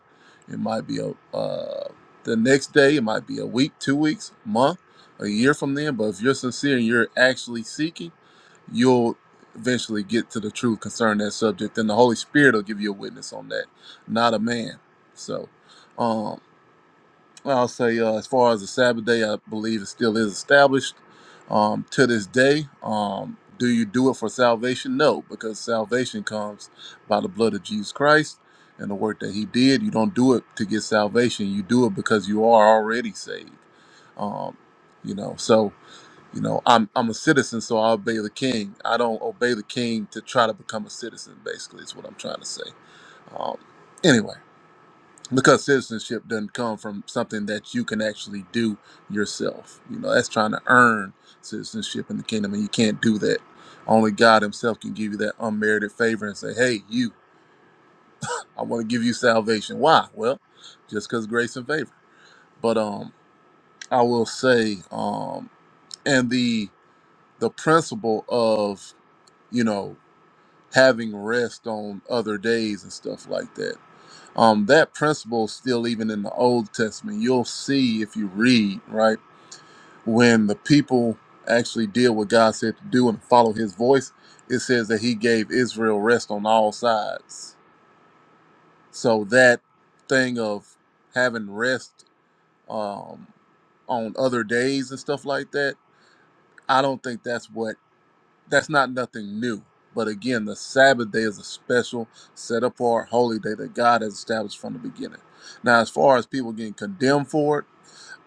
it might be a uh, the next day, it might be a week, two weeks, month, a year from then. But if you're sincere and you're actually seeking, you'll eventually get to the truth concerning that subject, and the Holy Spirit will give you a witness on that, not a man. So. Um, I'll say, uh, as far as the Sabbath day, I believe it still is established um, to this day. Um, do you do it for salvation? No, because salvation comes by the blood of Jesus Christ and the work that He did. You don't do it to get salvation. You do it because you are already saved. Um, you know, so you know, I'm I'm a citizen, so I obey the King. I don't obey the King to try to become a citizen. Basically, is what I'm trying to say. Um, anyway because citizenship doesn't come from something that you can actually do yourself. You know, that's trying to earn citizenship in the kingdom, and you can't do that. Only God Himself can give you that unmerited favor and say, "Hey, you, I want to give you salvation." Why? Well, just because grace and favor. But um, I will say, um, and the the principle of you know having rest on other days and stuff like that um, that principle is still even in the Old Testament. You'll see if you read, right? When the people actually did what God said to do and follow his voice, it says that he gave Israel rest on all sides. So that thing of having rest um, on other days and stuff like that, I don't think that's what that's not nothing new. But again, the Sabbath day is a special, set apart, holy day that God has established from the beginning. Now, as far as people getting condemned for it,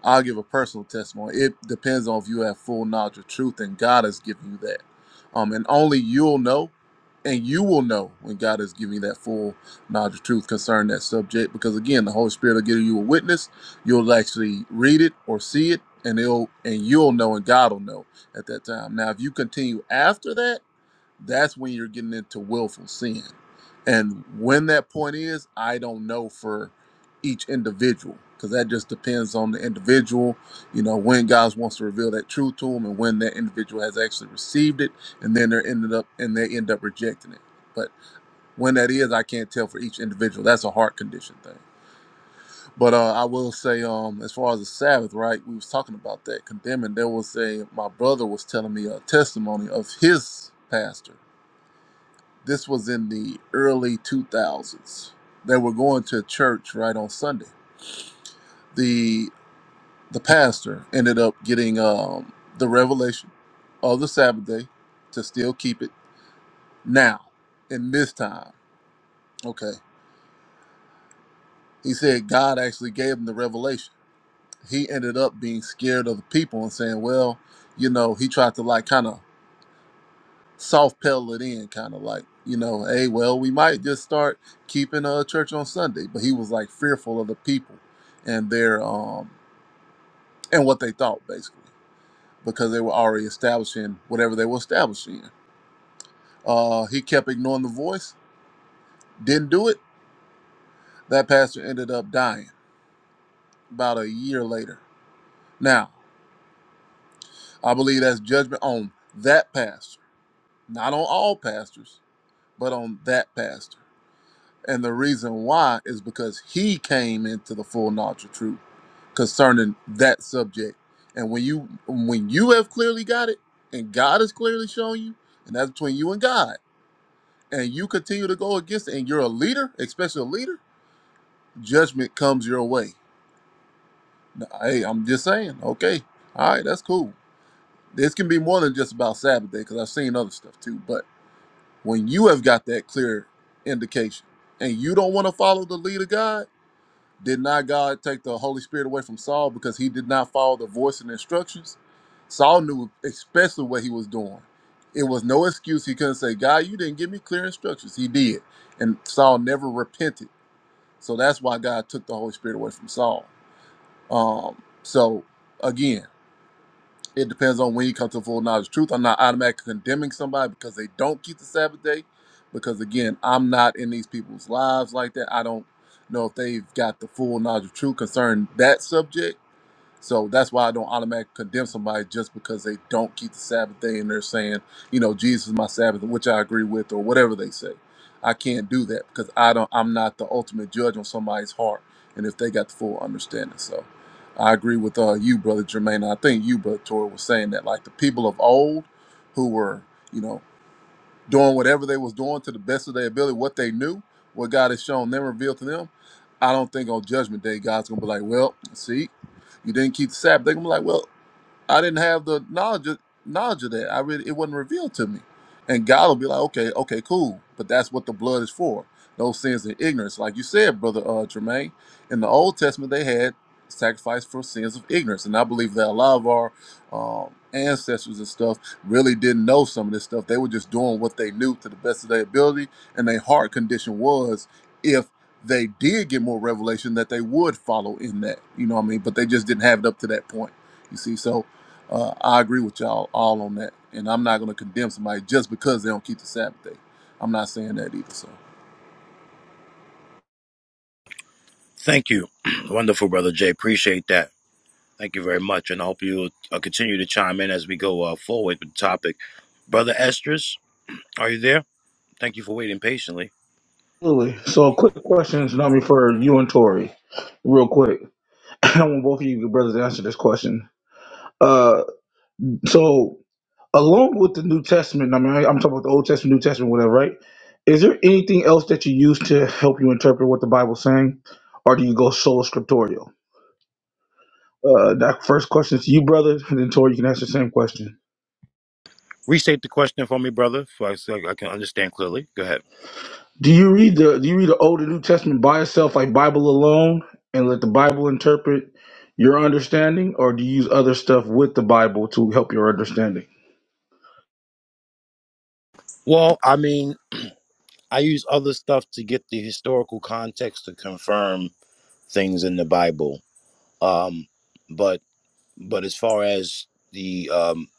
I'll give a personal testimony. It depends on if you have full knowledge of truth, and God has given you that. Um, and only you'll know, and you will know when God is giving you that full knowledge of truth concerning that subject. Because again, the Holy Spirit will give you a witness. You'll actually read it or see it, and it'll and you'll know, and God will know at that time. Now, if you continue after that that's when you're getting into willful sin. And when that point is, I don't know for each individual because that just depends on the individual, you know, when God wants to reveal that truth to them and when that individual has actually received it and then they're ended up and they end up rejecting it. But when that is, I can't tell for each individual. That's a heart condition thing. But uh, I will say, um, as far as the Sabbath, right? We was talking about that condemning. There was a my brother was telling me a testimony of his pastor this was in the early 2000s. They were going to church right on Sunday. The the pastor ended up getting um, the revelation of the Sabbath day to still keep it now in this time. Okay. He said God actually gave him the revelation. He ended up being scared of the people and saying, well, you know, he tried to like kind of soft pedal it in, kind of like, you know, hey, well, we might just start keeping a church on Sunday. But he was like fearful of the people and their um and what they thought basically because they were already establishing whatever they were establishing. Uh, he kept ignoring the voice, didn't do it. That pastor ended up dying about a year later. Now, I believe that's judgment on that pastor, not on all pastors, but on that pastor. And the reason why is because he came into the full knowledge of truth concerning that subject. And when you when you have clearly got it, and God has clearly shown you, and that's between you and God, and you continue to go against it, and you're a leader, especially a leader, judgment comes your way. Now, hey, I'm just saying, okay. All right, that's cool. This can be more than just about Sabbath day, because I've seen other stuff too. But when you have got that clear indication and you don't want to follow the lead of God, Did not God take the Holy Spirit away from Saul because he did not follow the voice and instructions? Saul knew especially what he was doing. It was no excuse. He couldn't say, God, you didn't give me clear instructions. He did. And Saul never repented. So that's why God took the Holy Spirit away from Saul. Um, so again, it depends on when you come to full knowledge of truth. I'm not automatically condemning somebody because they don't keep the Sabbath day, because again, I'm not in these people's lives like that. I don't know if they've got the full knowledge of truth concerning that subject so that's why I don't automatically condemn somebody just because they don't keep the Sabbath day and they're saying, you know, Jesus is my Sabbath, which I agree with, or whatever they say. I can't do that because I don't. I'm not the ultimate judge on somebody's heart and if they got the full understanding. So I agree with uh, you, brother Jermaine. I think you, brother Tor, was saying that like the people of old who were, you know doing whatever they was doing to the best of their ability, what they knew, what God has shown them, revealed to them. I don't think on Judgment Day God's gonna be like, well, see, you didn't keep the Sabbath. They're gonna be like, well, I didn't have the knowledge of, knowledge of that. I really it wasn't revealed to me. And God will be like, okay, okay, cool. But that's what the blood is for. Those sins and ignorance, like you said, brother uh, Jermaine. In the Old Testament, they had sacrifice for sins of ignorance, and I believe that a lot of our um, ancestors and stuff really didn't know some of this stuff. They were just doing what they knew to the best of their ability, and their heart condition was if they did get more revelation that they would follow in that. You know what I mean? But they just didn't have it up to that point. You see, so uh, I agree with y'all all on that. And I'm not going to condemn somebody just because they don't keep the Sabbath day. I'm not saying that either. So. Thank you. <clears throat> Wonderful, Brother Jay. Appreciate that. Thank you very much. And I hope you uh, continue to chime in as we go uh, forward with the topic. Brother Estrus, are you there? Thank you for waiting patiently. Absolutely. So, quick questions, Nami, for you and Tori, real quick. <clears throat> I want both of you brothers to answer this question. Uh, so, along with the New Testament, I mean, I- I'm talking about the Old Testament, New Testament, whatever, right? Is there anything else that you use to help you interpret what the Bible's saying, or do you go solo scriptorial? Uh, that first question is to you, brother, and then Tori, you can ask the same question. Restate the question for me, brother, so I, so I can understand clearly. Go ahead. Do you read the Do you read the Old and New Testament by itself, like Bible alone, and let the Bible interpret your understanding, or do you use other stuff with the Bible to help your understanding? Well, I mean, I use other stuff to get the historical context to confirm things in the Bible. Um, but but as far as the um,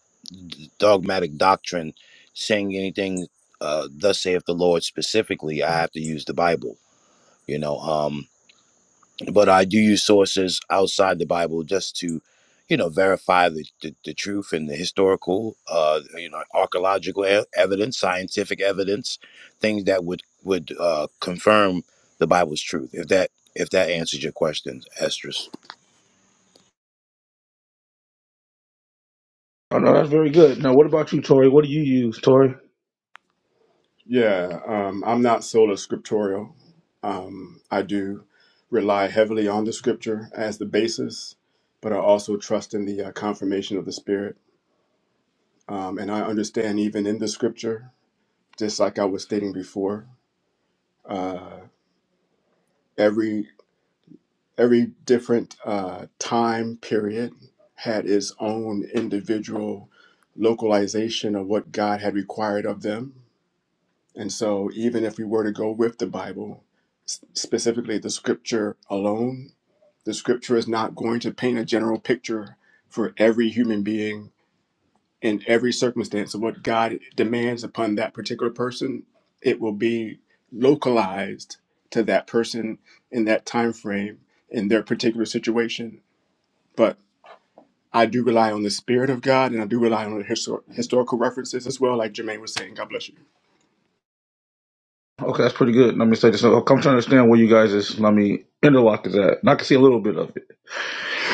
d- dogmatic doctrine, saying anything, uh, thus saith the Lord specifically, I have to use the Bible. You know, um, but I do use sources outside the Bible just to, you know, verify the, the, the truth and the historical, uh, you know, archaeological e- evidence, scientific evidence, things that would would uh, confirm the Bible's truth. If that if that answers your question, Estrus. Oh no, that's very good. Now, what about you, Tori? What do you use, Tori? yeah, um, I'm not sola scriptorial. Um, I do rely heavily on the scripture as the basis, but I also trust in the uh, confirmation of the Spirit. Um, and I understand even in the scripture just like I was stating before, uh, every every different uh, time period had its own individual localization of what God had required of them, and so even if we were to go with the Bible, s- specifically the Scripture alone, the Scripture is not going to paint a general picture for every human being in every circumstance of what God demands upon that particular person, it will be localized to that person in that time frame in their particular situation. But I do rely on the spirit of God, and I do rely on the histor- historical references as well, like Jermaine was saying. God bless you. Okay, that's pretty good. Let me say this. I'm trying to understand where you guys is. Let me interlock is at. And I can see a little bit of it.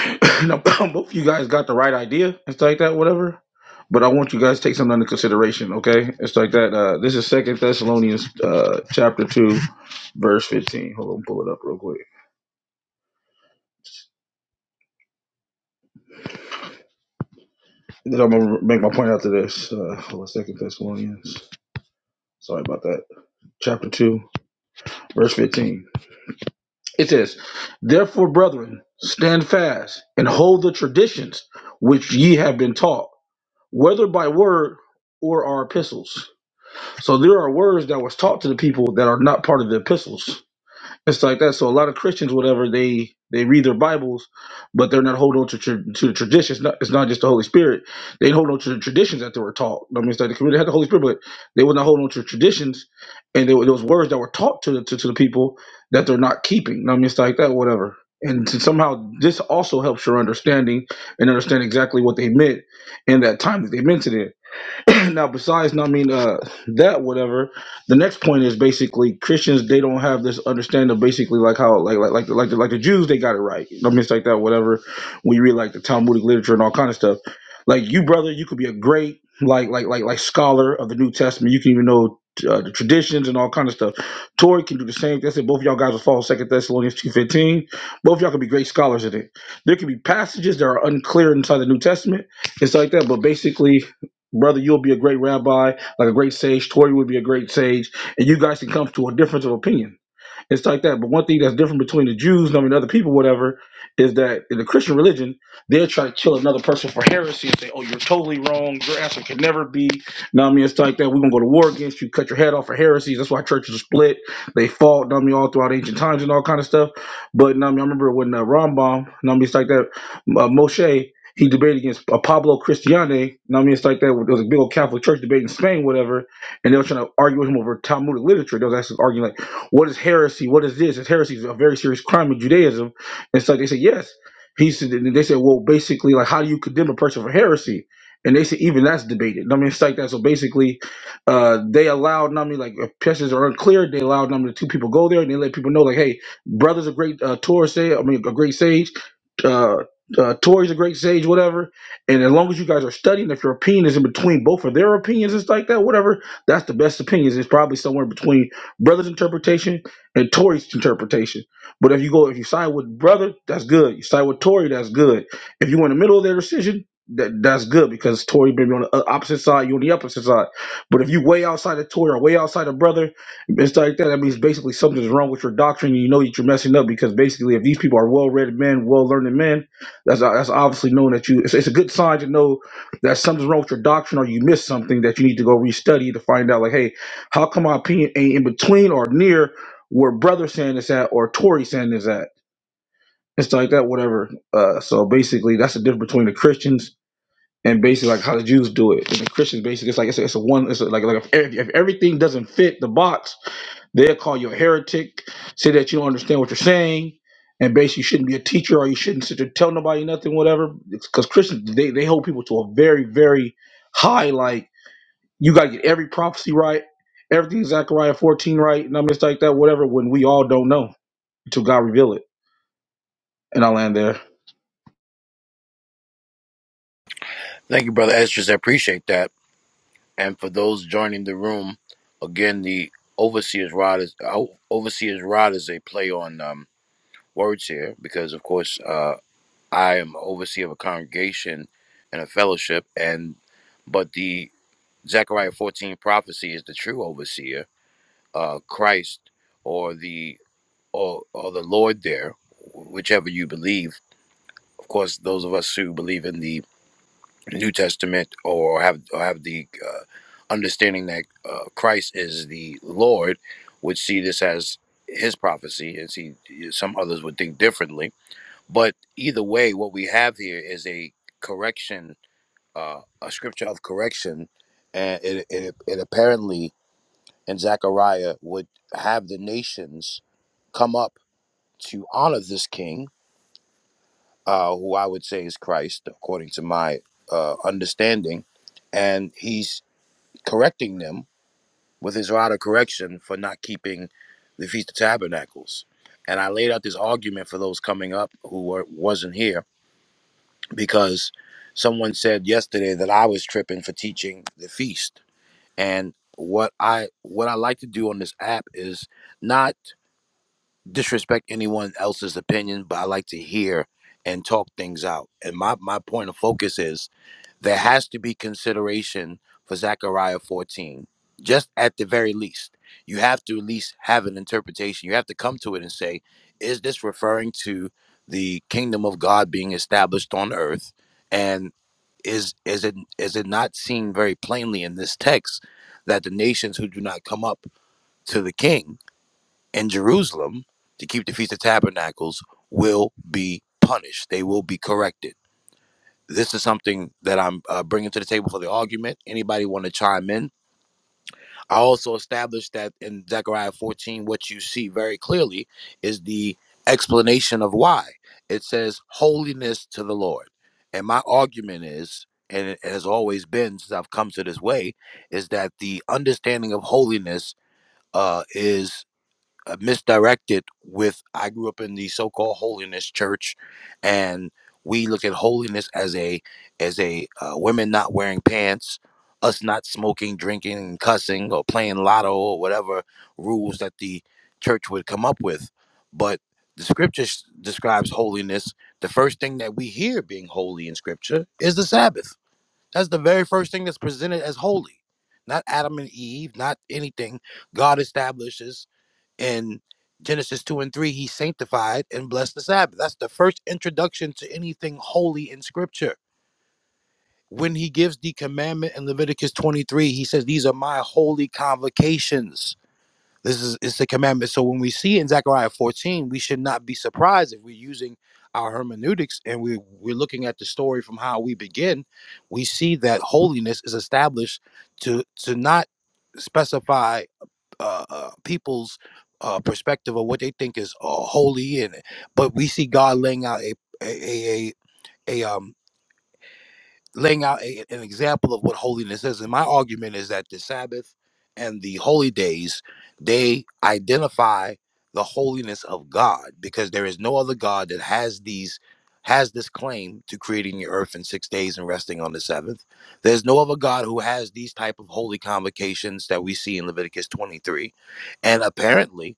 <coughs> <clears throat> Now, <clears throat> both of you guys got the right idea and stuff like that, whatever. But I want you guys to take something under consideration, okay? It's like that. Uh, this is Second Thessalonians uh, chapter two, verse fifteen. Hold on, pull it up real quick. Then I'm gonna make my point after this. Uh, hold on, Second Thessalonians. Sorry about that. Chapter two, verse fifteen. It says, "Therefore, brethren, stand fast and hold the traditions which ye have been taught, whether by word or our epistles." So there are words that was taught to the people that are not part of the epistles. It's like that. So a lot of Christians, whatever they they read their Bibles, but they're not holding on to, tra- to the traditions. Not, it's not just the Holy Spirit. They hold on to the traditions that they were taught. I mean, it's like the community had the Holy Spirit, but they would not hold on to traditions, and there were those words that were taught to the to, to the people that they're not keeping. I mean, it's like that. Whatever. And to somehow this also helps your understanding and understand exactly what they meant in that time that they meant it in. <clears throat> now besides no, i mean uh that whatever the next point is basically christians they don't have this understanding of basically like how like like like the, like, the, like the jews they got it right i mean it's like that whatever when you read like the talmudic literature and all kind of stuff like you brother you could be a great like like like like scholar of the new testament you can even know uh, the traditions and all kind of stuff. Tori can do the same. That's it. Both of y'all guys will follow Second Thessalonians two fifteen. Both of y'all can be great scholars in it. There can be passages that are unclear inside the New Testament. It's like that. But basically, Brother, you'll be a great rabbi, like a great sage. Tori will be a great sage. And you guys can come to a difference of opinion. It's like that. But one thing that's different between the Jews, and I mean, other people, whatever, is that in the Christian religion, they'll try to kill another person for heresy and say, oh, you're totally wrong. Your answer can never be. Now, I mean, it's like that. We're going to go to war against you, cut your head off for heresies. That's why churches are split. They fought, know what I mean, all throughout ancient times and all kind of stuff. But, know what I mean, I remember when uh, Rambam, know what I mean, it's like that, uh, Moshe, he debated against uh, Pablo Cristiane. know what I mean, it's like that. There was a big old Catholic church debate in Spain, whatever, and they were trying to argue with him over Talmudic literature. They was actually arguing like, what is heresy? What is this? Is heresy is a very serious crime in Judaism? And so they said, yes. He said, and they said, well, basically, like, how do you condemn a person for heresy? And they said, even that's debated. I mean, it's like that. So basically, uh, they allowed, I mean, like, if questions are unclear, they allowed, I mean, the two people go there and they let people know, like, hey, brother's a great uh, Torah sage, I mean, a great sage. Uh, uh, Tory's a great sage, whatever. And as long as you guys are studying, if your opinion is in between both of their opinions, it's like that, whatever. That's the best opinions. It's probably somewhere between brother's interpretation and Tory's interpretation. But if you go, if you side with brother, that's good. You side with Tory, that's good. If you're in the middle of their decision, that that's good because Tory may be on the o- opposite side, you're on the opposite side. But if you way outside of Tory or way outside of brother and stuff like that, that means basically something's wrong with your doctrine. And you know that you're messing up because basically, if these people are well-read men, well-learned men, that's that's obviously knowing that you. It's, it's a good sign to know that something's wrong with your doctrine or you missed something that you need to go restudy to find out. Like, hey how come my opinion ain't in between or near where brother saying is at or Tory saying is at? It's like that, whatever. Uh, so basically, that's the difference between the Christians and basically like how the Jews do it. And the Christians basically, it's like it's a, it's a one. It's a, like like if, if everything doesn't fit the box, they'll call you a heretic, say that you don't understand what you're saying, and basically you shouldn't be a teacher or you shouldn't sit there tell nobody nothing, whatever. Because Christians they they hold people to a very very high like you got to get every prophecy right, everything Zechariah fonumbers 14 right, numbers like that, whatever, when we all don't know until God reveal it. And I land there. Thank you, Brother Estrus. I appreciate that. And for those joining the room, again, the Overseer's Rod is uh, Overseer's Rod is a play on um, words here because, of course. uh, I am overseer of a congregation and a fellowship, and but the Zechariah 14 prophecy is the true overseer, uh, Christ or the or, or the Lord there, whichever you believe. Of course, those of us who believe in the New Testament or have or have the uh, understanding that uh, Christ is the Lord would see this as his prophecy, and see some others would think differently but either way, what we have here is a correction, uh, a scripture of correction, and it, it, it apparently in Zechariah would have the nations come up to honor this king, uh, who I would say is Christ, according to my uh, understanding, and he's correcting them with his rod of correction for not keeping the feast of tabernacles. And I laid out this argument for those coming up who were, wasn't here because someone said yesterday that I was tripping for teaching the feast. And what I what I like to do on this app is not disrespect anyone else's opinion, but I like to hear and talk things out. And my, my point of focus is there has to be consideration for Zechariah 14. Just at the very least. You have to at least have an interpretation. You have to come to it and say, is this referring to the kingdom of God being established on earth? is is it is it not seen very plainly in this text that the nations who do not come up to the king in Jerusalem to keep the feast of tabernacles will be punished they will be corrected this is something that I'm uh, bringing to the table for the argument anybody want to chime in I also established that in Zechariah 14, what you see very clearly is the explanation of why. It says, Holiness to the Lord. And my argument is, and it has always been since I've come to this way, is that the understanding of holiness uh, is uh, misdirected with I grew up in the so-called holiness church, and we look at holiness as a as a uh, women not wearing pants, us not smoking, drinking, and cussing, or playing lotto or whatever rules that the church would come up with. But the scripture s- describes holiness. The first thing that we hear being holy in scripture is the Sabbath. That's the very first thing that's presented as holy. Not Adam and Eve, not anything God establishes in Genesis 2 and 3, he sanctified and blessed the Sabbath. That's the first introduction to anything holy in scripture. When he gives the commandment in Leviticus 23, he says, These are my holy convocations. This is it's the commandment. So when we see in Zechariah 14, we should not be surprised if we're using our hermeneutics and we, we're looking at the story from how we begin. We see that holiness is established to to not specify uh, uh, people's uh, perspective of what they think is uh, holy, and but we see God laying out a a a, a a, um laying out a, an example of what holiness is. And my argument is that the Sabbath and the holy days, they identify the holiness of God because there is no other God that has these has this claim to creating the earth in six days and resting on the seventh. There's no other God who has these type of holy convocations that we see in Leviticus 23. And apparently,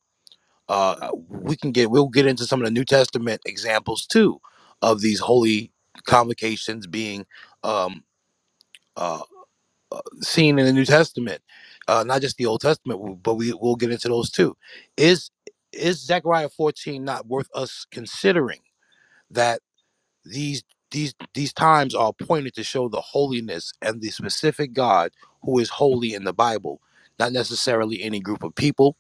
uh, we can get we'll get into some of the New Testament examples too of these holy convocations being um, uh, seen in the New Testament, uh, not just the Old Testament, but we will get into those too. Is is Zechariah 14 not worth us considering that these these these times are appointed to show the holiness and the specific God who is holy in the Bible, not necessarily any group of people,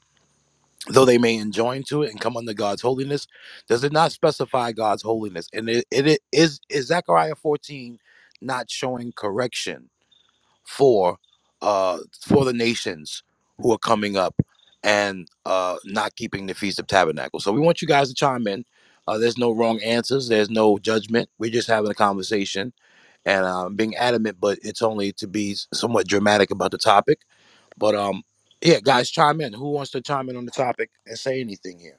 though they may enjoin to it and come under God's holiness. Does it not specify God's holiness? And it, it is is Zechariah 14 not showing correction for uh, for the nations who are coming up and uh, not keeping the feast of tabernacles. So we want you guys to chime in. Uh, there's no wrong answers. There's no judgment. We're just having a conversation and um, being adamant, but it's only to be somewhat dramatic about the topic. But um, yeah, guys, chime in. Who wants to chime in on the topic and say anything here?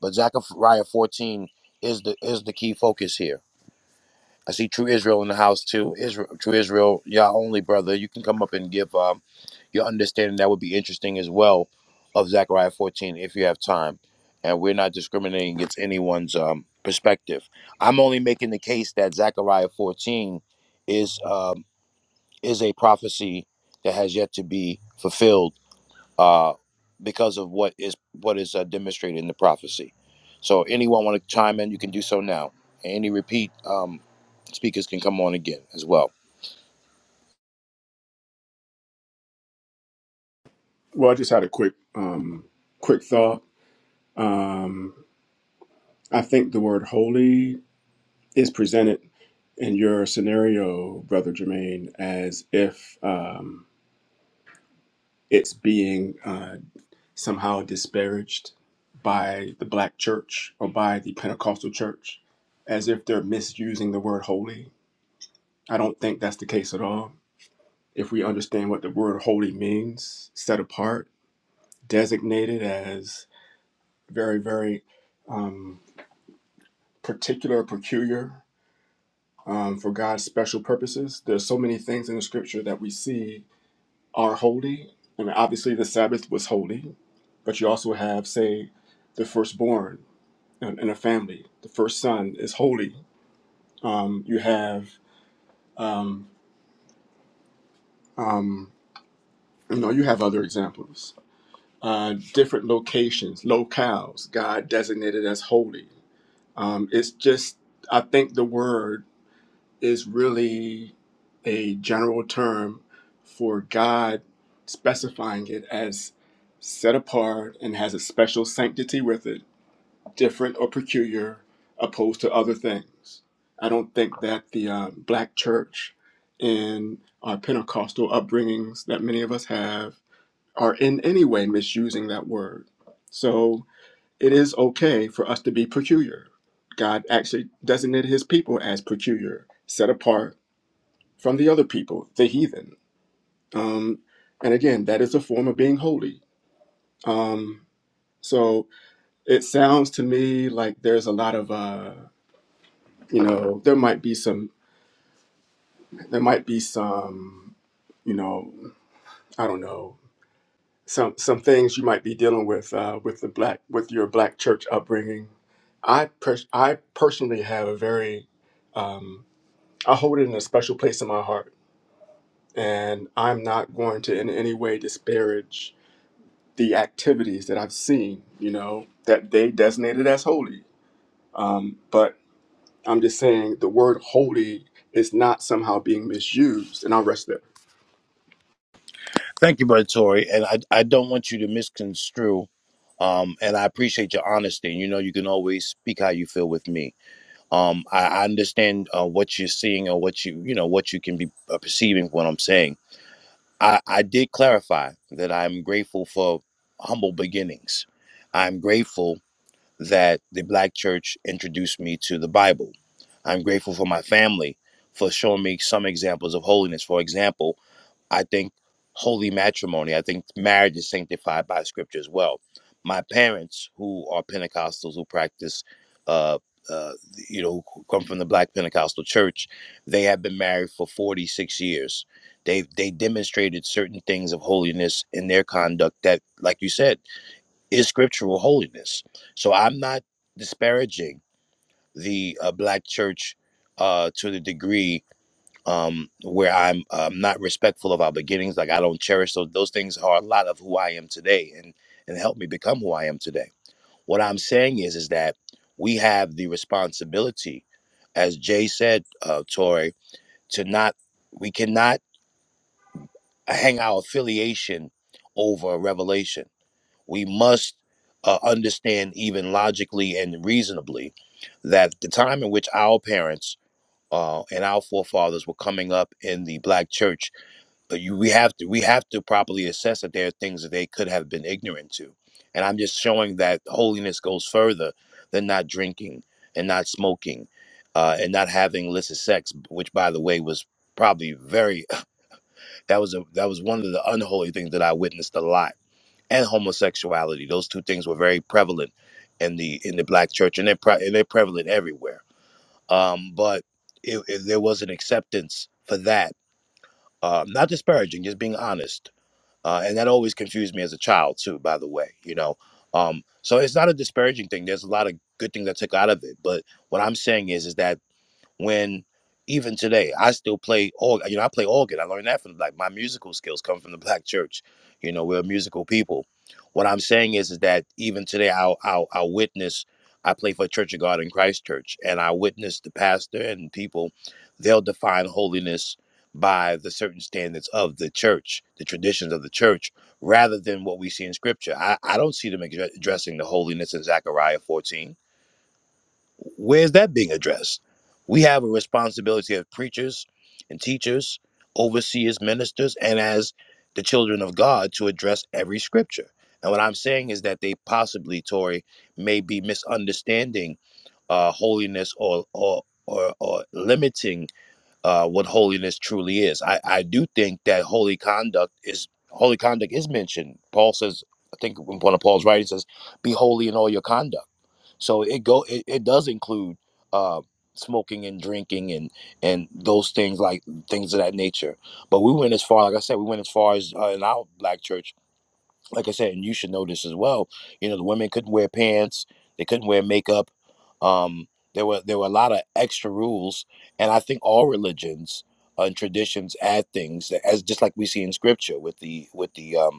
But Zechariah 14 is the is the key focus here. I see True Israel in the house too. Israel, True Israel, y'all only brother. You can come up and give. Um, your understanding that would be interesting as well of Zechariah 14 if you have time. And we're not discriminating against anyone's um, perspective. I'm only making the case that Zechariah 14 is um, is a prophecy that has yet to be fulfilled uh, because of what is what is uh, demonstrated in the prophecy. So anyone want to chime in, you can do so now. Any repeat um, speakers can come on again as well. Well, I just had a quick, um, quick thought. Um, I think the word "holy" is presented in your scenario, Brother Jermaine, as if um, it's being uh, somehow disparaged by the black church or by the Pentecostal church as if they're misusing the word holy. I don't think that's the case at all. If we understand what the word holy means, set apart, designated as very, very um, particular, peculiar um, for God's special purposes, there's so many things in the scripture that we see are holy. I mean, obviously, the Sabbath was holy, but you also have, say, the firstborn in, in a family. The first son is holy. Um, you have, um, um, you know, you have other examples. Uh, different locations, locales, God designated as holy. Um, it's just, I think the word is really a general term for God specifying it as set apart and has a special sanctity with it different or peculiar opposed to other things. I don't think that the uh, black church and our Pentecostal upbringings that many of us have are in any way misusing that word. So it is okay for us to be peculiar. God actually designated his people as peculiar, set apart from the other people, the heathen. Um, and again, that is a form of being holy. Um, so it sounds to me like there's a lot of. uh, you know there might be some there might be some you know i don't know some some things you might be dealing with uh, with the black with your black church upbringing i pers- i personally have a very um, i hold it in a special place in my heart and i'm not going to in any way disparage the activities that i've seen you know that they designated as holy but i'm just saying the word holy is not somehow being misused and i'll rest there Thank you, Brother Tori, And I, I don't want you to misconstrue. Um, and I appreciate your honesty. You know, you can always speak how you feel with me. Um, I, I understand uh, what you're seeing or what you, you know, what you can be uh, perceiving what I'm saying. I, I did clarify that I'm grateful for humble beginnings. I'm grateful that the Black church introduced me to the Bible. I'm grateful for my family for showing me some examples of holiness. For example, I think holy matrimony, I think marriage is sanctified by scripture as well. My parents, who are Pentecostals, who practice, uh, uh, you know, who come from the Black Pentecostal Church, they have been married for 46 years. They they demonstrated certain things of holiness in their conduct that, like you said, is scriptural holiness. So I'm not disparaging the uh, Black Church uh, to the degree um, where I'm um, not respectful of our beginnings. Like I don't cherish those. Those things are a lot of who I am today, and and help me become who I am today. What I'm saying is, is that we have the responsibility, as Jay said, uh, Tori, to not we cannot hang our affiliation over revelation. We must uh, understand even logically and reasonably that the time in which our parents uh, and our forefathers were coming up in the black church but you, we have to we have to properly assess that there are things that they could have been ignorant to and i'm just showing that holiness goes further than not drinking and not smoking uh, and not having illicit sex which by the way was probably very <laughs> that was a that was one of the unholy things that i witnessed a lot and homosexuality those two things were very prevalent in the in the black church and they're, pre- and they're prevalent everywhere um, but it, it, there was an acceptance for that uh, not disparaging just being honest uh, and that always confused me as a child too by the way you know um, so it's not a disparaging thing there's a lot of good things i took out of it but what i'm saying is is that when even today I still play organ. You know, I play organ. I learned that from like my musical skills come from the <laughs> black church. You know, we're musical people. What I'm saying is, is that even today I'll I'll, I'll witness. I play for Church of God in Christchurch, and I witness the pastor and people. They'll define holiness by the certain standards of the church, the traditions of the church, rather than what we see in Scripture. I, I don't see them addre- addressing the holiness in Zechariah 14. Where's that being addressed? We have a responsibility as preachers and teachers, overseers, ministers, and as the children of God to address every scripture. And what I'm saying is that they possibly, Tori, may be misunderstanding uh, holiness or or or, or limiting uh, what holiness truly is. I, I do think that holy conduct is holy conduct is mentioned. Paul says, I think in one of Paul's writings says, "Be holy in all your conduct." So it go it, it does include uh, smoking and drinking and and those things like things of that nature. But we went as far, like I said, we went as far as uh, in our black church. Like I said, and you should know this as well. You know, the women couldn't wear pants, they couldn't wear makeup. Um, there were there were a lot of extra rules, and I think all religions and traditions add things that, as just like we see in scripture with the with the um,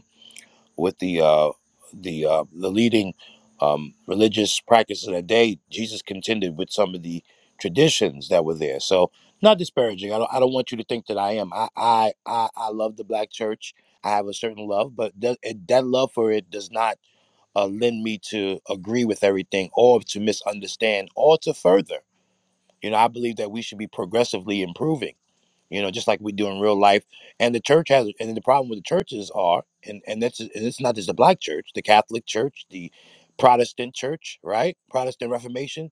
with the uh, the uh, the leading um, religious practice of the day, Jesus contended with some of the traditions that were there. So, not disparaging. I don't. I don't want you to think that I am. I I I, I love the black church. I have a certain love, but that, it, that love for it does not uh, lend me to agree with everything, or to misunderstand, or to further. You know, I believe that we should be progressively improving you know, just like we do in real life. And the church has, and the problem with the churches are, and and that's and it's not just the black church, the Catholic Church, the Protestant Church, right? Protestant Reformation.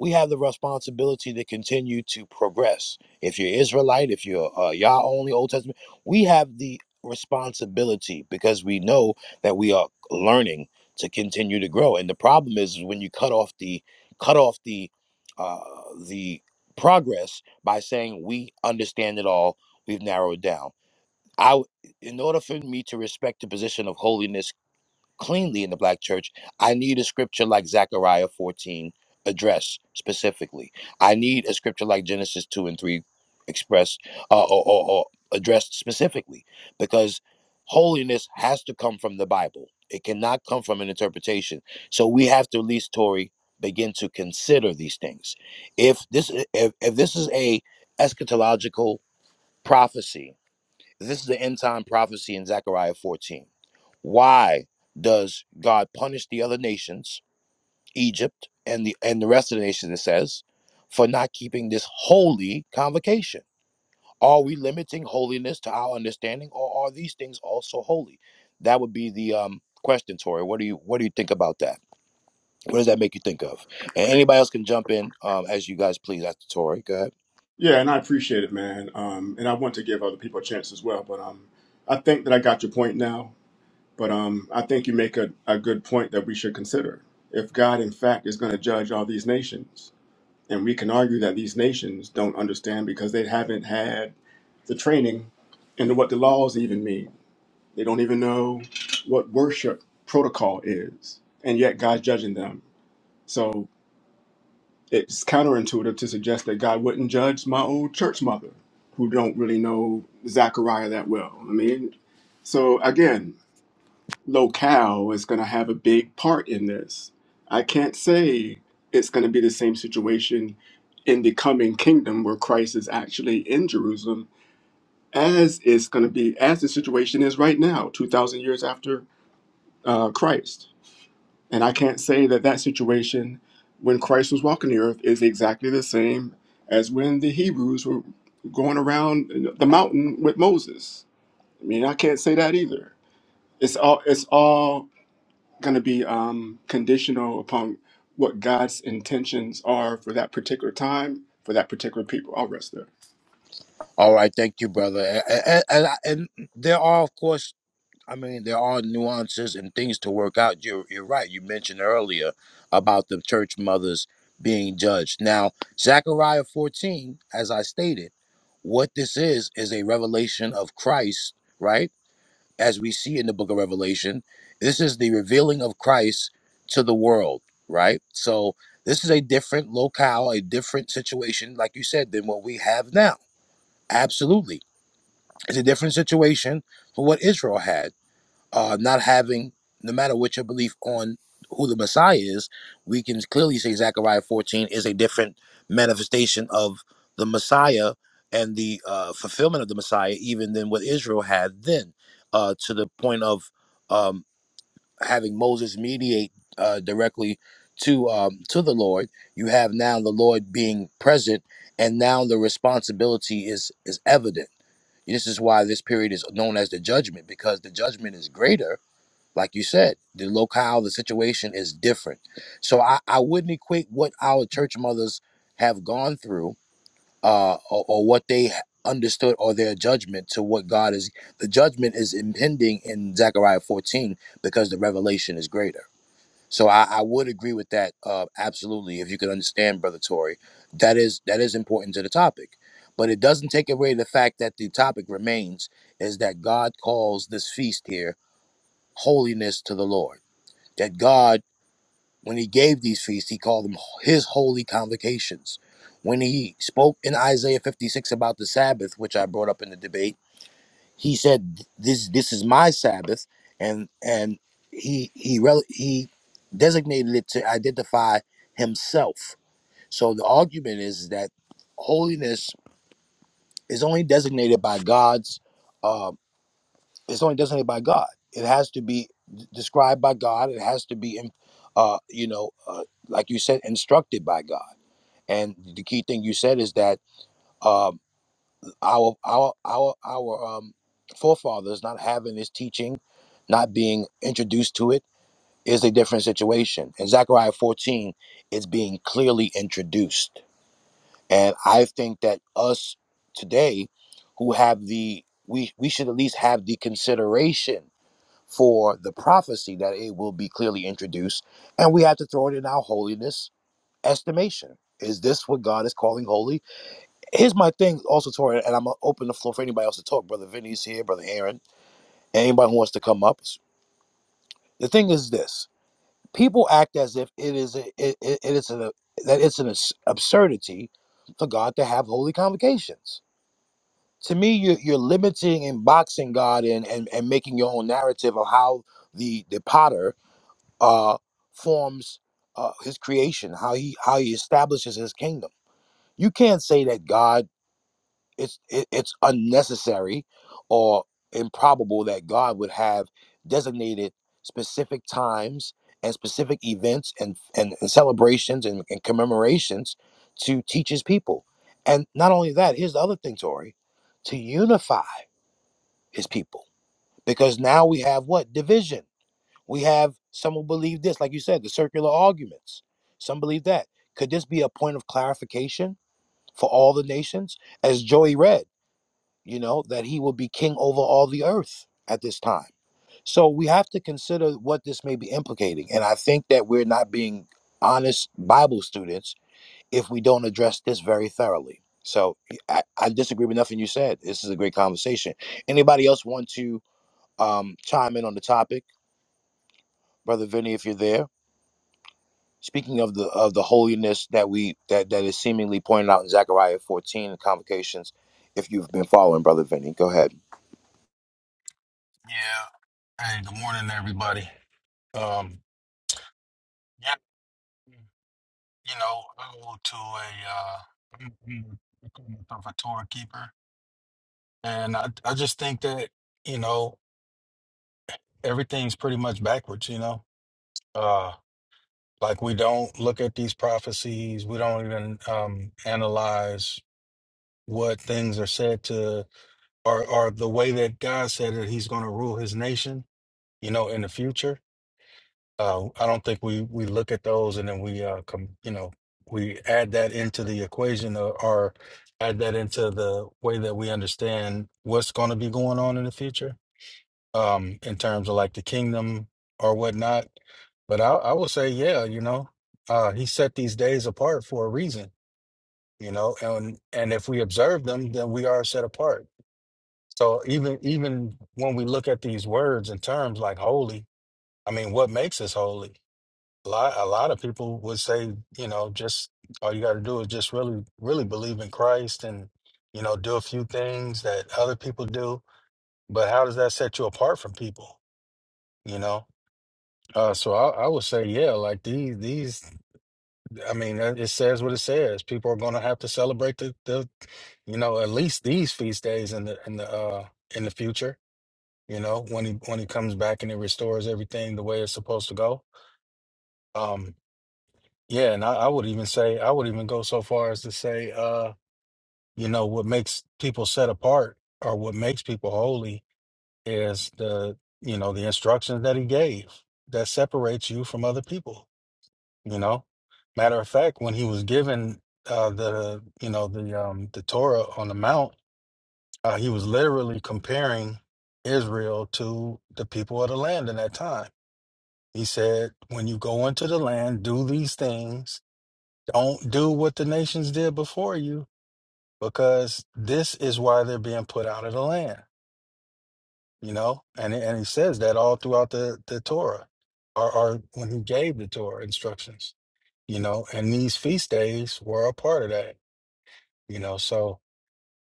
We have the responsibility to continue to progress. If you're Israelite, if you're uh, Yah only Old Testament, we have the responsibility because we know that we are learning to continue to grow. And the problem is when you cut off the cut off the uh, the progress by saying we understand it all. We've narrowed it down. I, w- in order for me to respect the position of holiness cleanly in the black church, I need a scripture like Zechariah 14 address specifically. I need a scripture like Genesis 2 and 3 express uh, or, or, or addressed specifically because holiness has to come from the Bible. It cannot come from an interpretation. So we have to at least, Tory, begin to consider these things. If this if, if this is a eschatological prophecy, this is the end time prophecy in Zechariah 14. Why does God punish the other nations, Egypt and the and the rest of the nations, it says, for not keeping this holy convocation? Are we limiting holiness to our understanding, or are these things also holy? That would be the um, question, Tori. What do you what do you think about that? What does that make you think of? And anybody else can jump in um, as you guys please after Tori. Go ahead. Yeah, and I appreciate it, man. Um, and I want to give other people a chance as well. But um, I think that I got your point now. But um, I think you make a, a good point that we should consider. If God, in fact, is going to judge all these nations, and we can argue that these nations don't understand because they haven't had the training into what the laws even mean, they don't even know what worship protocol is, and yet God's judging them. So it's counterintuitive to suggest that God wouldn't judge my old church mother, who don't really know Zachariah that well. I mean, so again, locale is going to have a big part in this. I can't say it's going to be the same situation in the coming kingdom where Christ is actually in Jerusalem as it's going to be as the situation is right now, two thousand years after uh, Christ. And I can't say that that situation when Christ was walking the earth is exactly the same as when the Hebrews were going around the mountain with Moses. I mean, I can't say that either. It's all it's all going to be um, conditional upon what God's intentions are for that particular time for that particular people. I'll rest there. All right, thank you, brother. And, and, and I- and there are, of course, I mean, there are nuances and things to work out. You're, you're right. You mentioned earlier about the church mothers being judged. Now, Zechariah 14, as I stated, what this is, is a revelation of Christ, right? As we see in the book of Revelation, this is the revealing of Christ to the world, right? So, this is a different locale, a different situation, like you said, than what we have now. Absolutely. It's a different situation from what Israel had uh, not having, no matter what your belief on who the Messiah is, we can clearly say Zechariah 14 is a different manifestation of the Messiah and the uh, fulfillment of the Messiah, even than what Israel had then, uh, to the point of um, having Moses mediate uh, directly to um, to the Lord. You have now the Lord being present, and now the responsibility is is evident. This is why this period is known as the judgment, because the judgment is greater like you said, the locale, the situation is different. So I, I wouldn't equate what our church mothers have gone through uh, or, or what they understood or their judgment to what God is. The judgment is impending in Zechariah 14 because the revelation is greater. So I, I would agree with that uh, absolutely. If you could understand, Brother Tory, that is that is important to the topic. But it doesn't take away the fact that the topic remains is that God calls this feast here holiness to the Lord that God, when he gave these feasts, he called them his holy convocations. When he spoke in Isaiah 56 about the Sabbath, which I brought up in the debate, he said, "This this is my Sabbath," and and he he rel- he designated it to identify himself. So the argument is that holiness is only designated by God's uh, It's only designated by God. It has to be d- described by God. It has to be, uh, you know, uh, like you said, instructed by God. And the key thing you said is that um, our our our our um, forefathers not having this teaching, not being introduced to it, is a different situation. In Zechariah 14, it's being clearly introduced, and I think that us today, who have the we we should at least have the consideration for the prophecy that it will be clearly introduced. And we have to throw it in our holiness estimation. Is this what God is calling holy? Here's my thing also, Tori, and I'm going to open the floor for anybody else to talk. Brother Vinny's here, Brother Aaron, anybody who wants to come up. The thing is this people act as if it is a, it, it, it is a, that it's an abs- absurdity for God to have holy convocations. To me, you're, you're limiting and boxing God in and, and making your own narrative of how the, the potter uh, forms uh, his creation, how he how he establishes his kingdom. You can't say that God it's it, it's unnecessary or improbable that God would have designated specific times and specific events and and, and celebrations and, and commemorations to teach his people. And not only that, here's the other thing, Tori, to unify his people. Because now we have what? Division we have some who believe this, like you said, the circular arguments. Some believe that. Could this be a point of clarification for all the nations? As Joey read, you know, that he will be king over all the earth at this time. So we have to consider what this may be implicating. And I think that we're not being honest Bible students if we don't address this very thoroughly. So I, I disagree with nothing you said. This is a great conversation. Anybody else want to um, chime in on the topic? Brother Vinny, if you're there. Speaking of the of the holiness that we that that is seemingly pointed out in Zechariah 14 and convocations, if you've been following, brother Vinny, go ahead. Yeah. Hey, good morning, everybody. Um, yeah, you know, I go to a, uh, I'm- I'm- I call myself a tour keeper, and I, I just think that, you know, everything's pretty much backwards, you know? Uh, like we don't look at these prophecies, we don't even um, analyze what things are said to, or, or the way that God said that he's going to rule his nation, you know, in the future. Uh, I don't think we we look at those and then we uh com you know we add that into the equation or, or add that into the way that we understand what's going to be going on in the future um in terms of like the kingdom or whatnot. But I I will say yeah, you know, uh he set these days apart for a reason, you know, and and if we observe them, then we are set apart. So even even when we look at these words and terms like holy, I mean, what makes us holy? A lot, a lot of people would say, you know, just all you got to do is just really, really believe in Christ and, you know, do a few things that other people do. But how does that set you apart from people? You know? Uh, so I, I would say, yeah, like these, these, I mean, uh, it says what it says. People are going to have to celebrate the, the, you know, at least these feast days in the, in the, uh, in the future, you know, when he, when he comes back and he restores everything the way it's supposed to go. Um, Yeah, and I, I would even say I would even go so far as to say, uh, you know, what makes people set apart or what makes people holy is the, you know, the instructions that he gave that separates you from other people, you know. Matter of fact, when he was given uh the, you know, the um the Torah on the mount, uh, he was literally comparing Israel to the people of the land in that time. He said, when you go into the land, do these things Don't do what the nations did before you, because this is why they're being put out of the land. You know, and and he says that all throughout the the Torah, or, or when he gave the Torah instructions. You know, and these feast days were a part of that. You know, so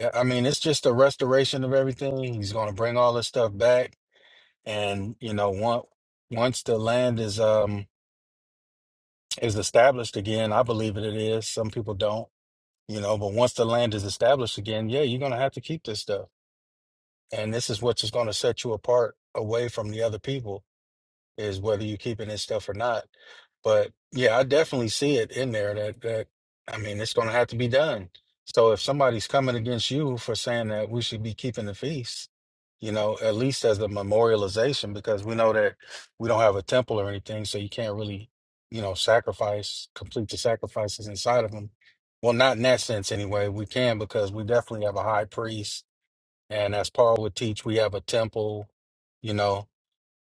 I I mean, it's just a restoration of everything. He's going to bring all this stuff back, and you know, once once the land is um is established again, I believe that it is. Some people don't you know but once the land is established again yeah you're going to have to keep this stuff and this is what's just going to set you apart away from the other people is whether you keeping this stuff or not. But yeah, I definitely see it in there that that I mean it's gonna have to be done. So if somebody's coming against you for saying that we should be keeping the feast, you know, at least as a memorialization, because we know that we don't have a temple or anything, so you can't really, you know, sacrifice, complete the sacrifices inside of them. Well, not in that sense anyway. We can because we definitely have a high priest, and as Paul would teach, we have a temple, you know.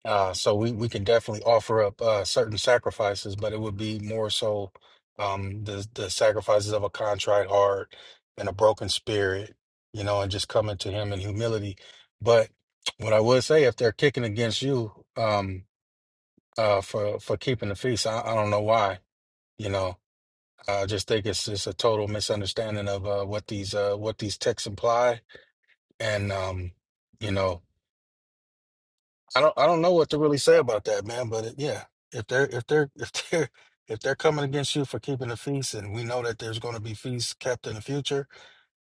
Uh, so we, we can definitely offer up uh, certain sacrifices, but it would be more so um, the the sacrifices of a contrite heart and a broken spirit, you know, and just coming to Him in humility. But what I would say, if they're kicking against you um, uh, for for keeping the feast, I, I don't know why. You know, I just think it's just a total misunderstanding of uh, what these uh, what these texts imply, and um, you know. I don't I don't know what to really say about that, man. But it, yeah, if they're if they're <laughs> if they're if they're coming against you for keeping the feast, and we know that there's going to be feasts kept in the future,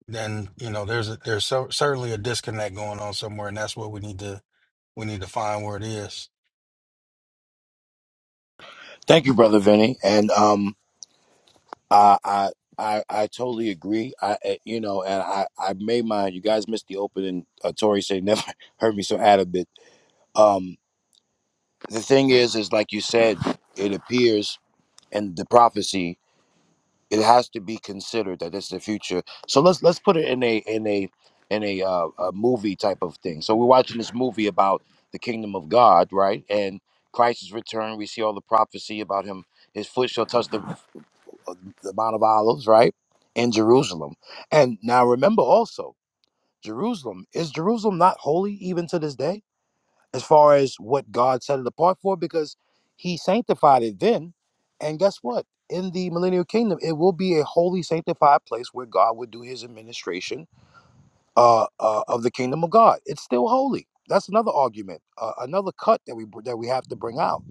then you know there's a, there's so, certainly a disconnect going on somewhere, and that's what we need to we need to find where it is. Thank you, brother Vinny, and um, I I I, I totally agree. I I- you know, and I I made mine. You guys missed the opening. Uh, Tori said never <laughs> heard me so out of it. Um, the thing is, is like you said, it appears in the prophecy it has to be considered that it's the future. So let's let's put it in a in a in a, uh, a movie type of thing. So we're watching this movie about the kingdom of God, right? And Christ's return. We see all the prophecy about him. His foot shall touch the, the Mount of Olives, right, in Jerusalem. And now remember also, Jerusalem is Jerusalem not holy even to this day? as far as what God set it apart for because he sanctified it then. And guess what? In the millennial kingdom, it will be a holy, sanctified place where God would do his administration uh, uh, of the kingdom of God. It's still holy. That's another argument, uh, another cut that we that we have to bring out.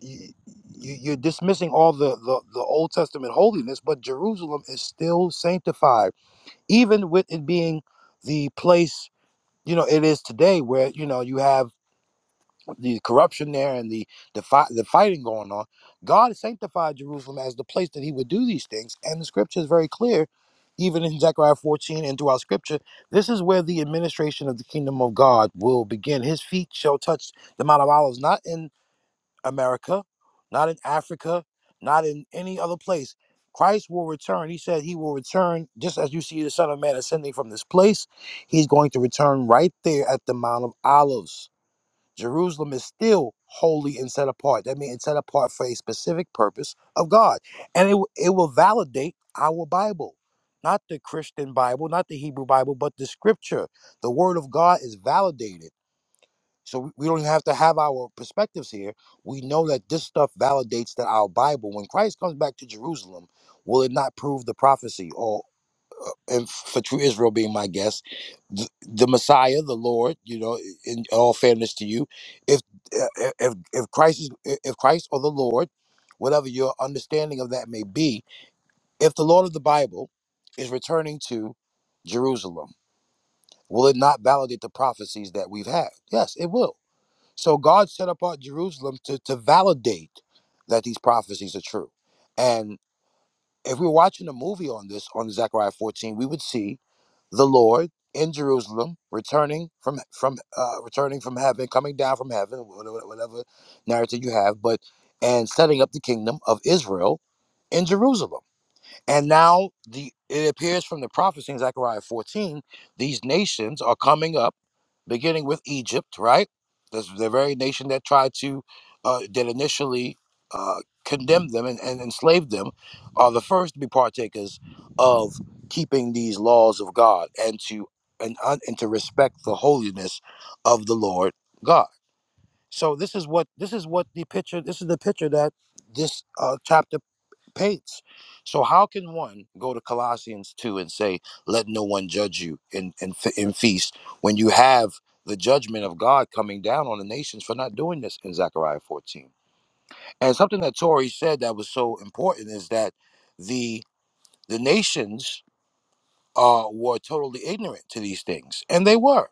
You, you, you're dismissing all the, the the Old Testament holiness, but Jerusalem is still sanctified, even with it being the place you know it is today, where you know you have the corruption there and the the, fi- the fighting going on, God sanctified Jerusalem as the place that He would do these things. And the Scripture is very clear, even in Zechariah 14 and throughout Scripture, this is where the administration of the kingdom of God will begin. His feet shall touch the Mount of Olives, not in America, not in Africa, not in any other place. Christ will return. He said he will return just as you see the Son of Man ascending from this place. He's going to return right there at the Mount of Olives Jerusalem is still holy and set apart. That means it's set apart for a specific purpose of God. And it, will- it will validate our Bible, not the Christian Bible, not the Hebrew Bible, but the scripture. The word of God is validated. So we we don't have to have our perspectives here. We know that this stuff validates that our Bible, when Christ comes back to Jerusalem, will it not prove the prophecy or? and for true Israel being my guest, the, the Messiah, the Lord. You know, in all fairness to you, if if if if Christ is if Christ or the Lord, whatever your understanding of that may be, if the Lord of the Bible is returning to Jerusalem, will it not validate the prophecies that we've had? Yes, it will. So God set apart Jerusalem to to validate that these prophecies are true, and. If we're watching a movie on this, on Zechariah 14, we would see the Lord in Jerusalem, returning from from uh, returning from heaven, coming down from heaven, whatever, whatever narrative you have, but and setting up the kingdom of Israel in Jerusalem. And now the it appears from the prophecy in Zechariah 14, these nations are coming up, beginning with Egypt, right? That's the very nation that tried to uh, that initially uh, condemned them and, and enslaved them, are the first to be partakers of keeping these laws of God and to and, un and to respect the holiness of the Lord God. So this is what this is what the picture this is the picture that this uh, chapter pates. So how can one go to Colossians 2 and say, let no one judge you in, in, in feast when you have the judgment of God coming down on the nations for not doing this in Zechariah 14? And something that Tori said that was so important is that the the nations uh, were totally ignorant to these things, and they were.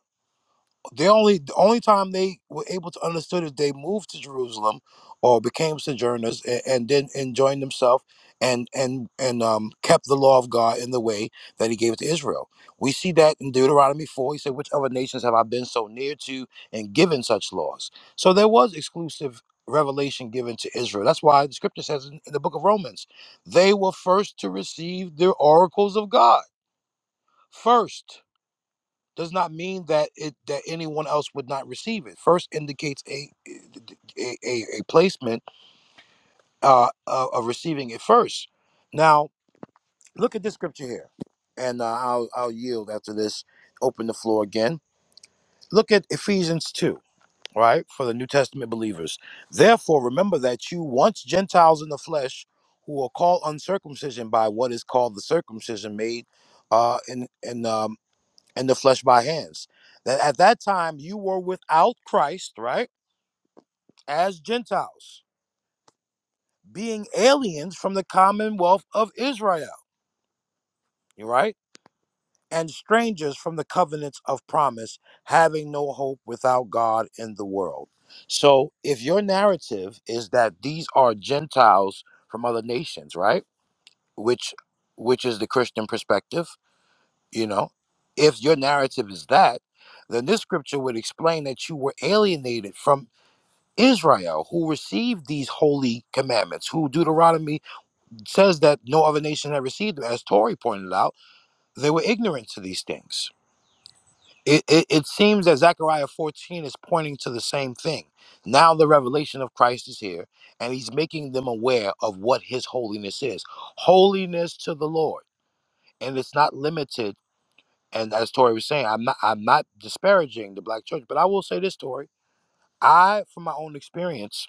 The only the only time they were able to understood is they moved to Jerusalem or became sojourners and, and then and joined themselves and and and um, kept the law of God in the way that He gave it to Israel. We see that in Deuteronomy four. He said, "Which other nations have I been so near to and given such laws?" So there was exclusive revelation given to Israel. That's why the Scripture says in, in the book of Romans, they were first to receive the oracles of God first does not mean that it that anyone else would not receive it. First indicates a a, a, a placement uh, of of receiving it first. Now look at this scripture here, and uh, I'll I'll yield after this. Open the floor again. Look at Ephesians two, right, for the New Testament believers. Therefore, remember that you once Gentiles in the flesh, who are called uncircumcision by what is called the circumcision made, uh, in in um, and the flesh by hands. That at that time you were without Christ, right? As Gentiles, being aliens from the commonwealth of Israel, right? And strangers from the covenants of promise, having no hope without God in the world. So if your narrative is that these are Gentiles from other nations, right? Which which is the Christian perspective, you know? If your narrative is that, then this scripture would explain that you were alienated from Israel, who received these holy commandments, who Deuteronomy says that no other nation had received them, as Tori pointed out, they were ignorant to these things. It, it, it seems that Zechariah 14 is pointing to the same thing. Now the revelation of Christ is here, and he's making them aware of what his holiness is. Holiness to the Lord. And it's not limited. And as Tori was saying, I'm not I'm not disparaging the black church, but I will say this, Tori. I, from my own experience,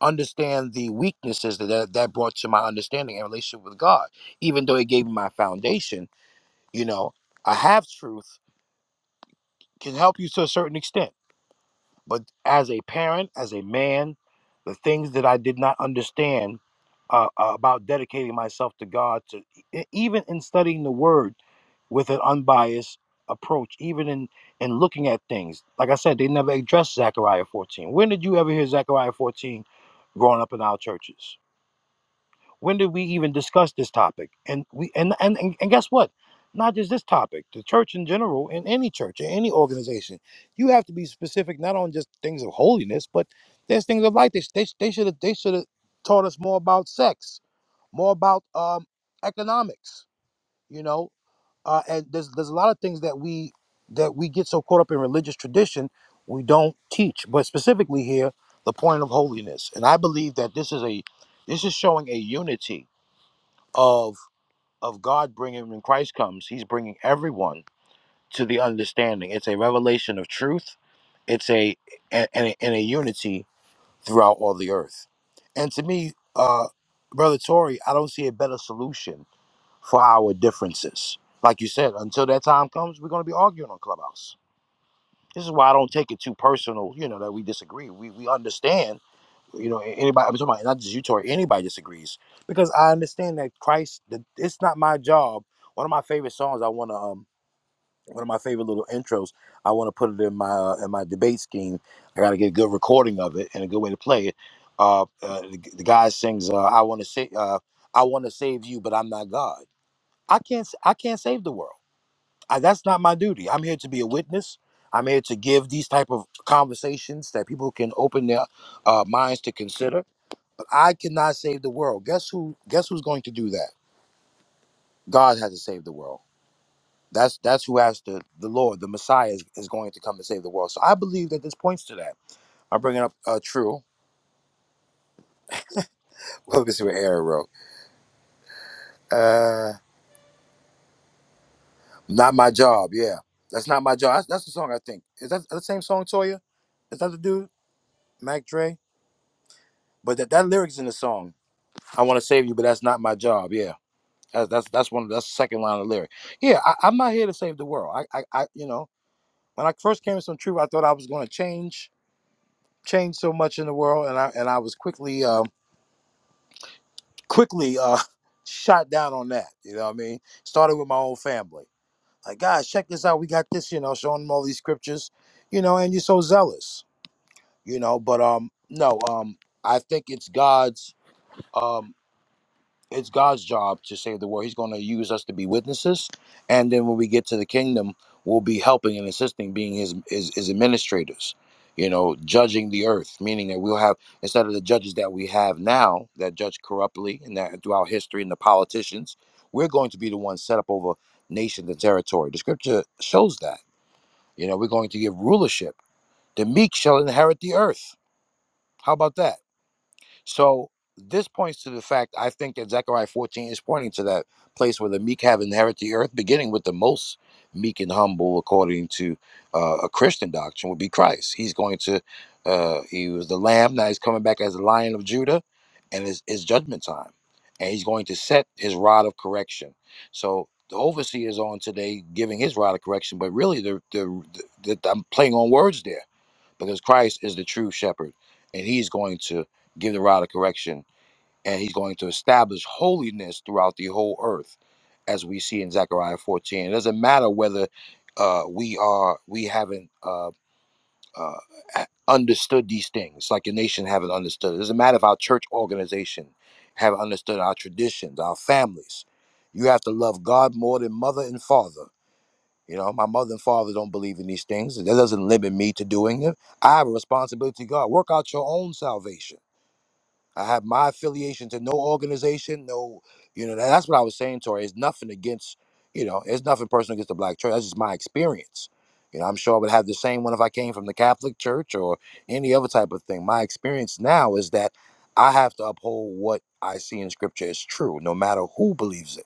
understand the weaknesses that that, that brought to my understanding and relationship with God. Even though it gave me my foundation, you know, I have truth can help you to a certain extent. But as a parent, as a man, the things that I did not understand uh, uh, about dedicating myself to God, to e- e, even in studying the Word with an unbiased approach, even in in looking at things. Like I said, they never addressed Zechariah 14. When did you ever hear Zechariah 14 growing up in our churches? when did we even discuss this topic and we and and and, and guess what not just this topic the church in general in any church in any organization you have to be specific not on just things of holiness but there's things of life they, they, they should have they should have taught us more about sex more about um economics you know uh and there's there's a lot of things that we that we get so caught up in religious tradition we don't teach but specifically here the point of holiness and i believe that this is a this is showing a unity of of God bringing when Christ comes, He's bringing everyone to the understanding. It's a revelation of truth. It's a and and a, and a unity throughout all the earth. And to me, uh, brother Tory, I don't see a better solution for our differences. Like you said, until that time comes, we're going to be arguing on Clubhouse. This is why I don't take it too personal. You know that we disagree. We we understand you know anybody i'm talking about not just you Tori, anybody disagrees because i understand that christ that it's not my job one of my favorite songs i want to um one of my favorite little intros i want to put it in my uh, in my debate scheme i gotta get a good recording of it and a good way to play it uh, uh the, the guy sings uh i want to say uh i want to save you but i'm not god i can't s- i can't save the world I, that's not my duty i'm here to be a witness i'm here to give these type of conversations that people can open their uh, minds to consider I cannot save the world. Guess who? Guess who's going to do that? God has to save the world. That's that's who has to. The Lord, the Messiah, is, is going to come and save the world. So I believe that this points to that. I'm bringing up uh, true. <laughs> Let me see what Aaron wrote. Uh, not my job. Yeah, that's not my job. That's, that's the song I think. Is that the same song, Toya? Is that the dude, Mac Dre? But that that lyrics in the song. I want to save you, but that's not my job. Yeah, that's that's that's one. That's the second line of the lyric. Yeah, I, I'm not here to save the world. I, I, I you know. when I first came to some truth, I thought I was going to change, change so much in the world, and I and I was quickly, um, quickly uh, <laughs> shot down on that. You know what I mean? Started with my own family. Like, guys, check this out. We got this. You know, showing them all these scriptures. You know, and you're so zealous. You know, but um, no, um, I think it's God's. um. it's God's job to save the world. He's going to use us to be witnesses, and then when we get to the kingdom, we'll be helping and assisting, being his his, his administrators. You know, judging the earth, meaning that we'll have instead of the judges that we have now that judge corruptly and that throughout history and the politicians, we're going to be the ones set up over nations and territory. The scripture shows that. You know, we're going to give rulership. The meek shall inherit the earth. How about that? So this points to the fact I think that Zechariah 14 is pointing to that place where the meek have inherited the earth, beginning with the most meek and humble, according to uh, a Christian doctrine, would be Christ. He's going to, uh, he was the lamb, now he's coming back as the lion of Judah, and it's, it's judgment time. And he's going to set his rod of correction. So the overseer is on today giving his rod of correction, but really the, the, the, the, I'm playing on words there because Christ is the true shepherd, and he's going to give the rod of correction, and he's going to establish holiness throughout the whole earth, as we see in Zechariah 14. It doesn't matter whether uh, we are we haven't uh, uh, a- understood these things, like the nation haven't understood. It doesn't matter if our church organization haven't understood our traditions, our families. You have to love God more than mother and father you know, my mother and father don't believe in these things. That doesn't limit me to doing it. I have a responsibility to God. Work out your own salvation. I have my affiliation to no organization, no, you know, that's what I was saying, Tori. It's nothing against, you know, it's nothing personal against the black church. That's just my experience. You know, I'm sure I would have the same one if I came from the Catholic Church or any other type of thing. My experience now is that I have to uphold what I see in scripture is true, no matter who believes it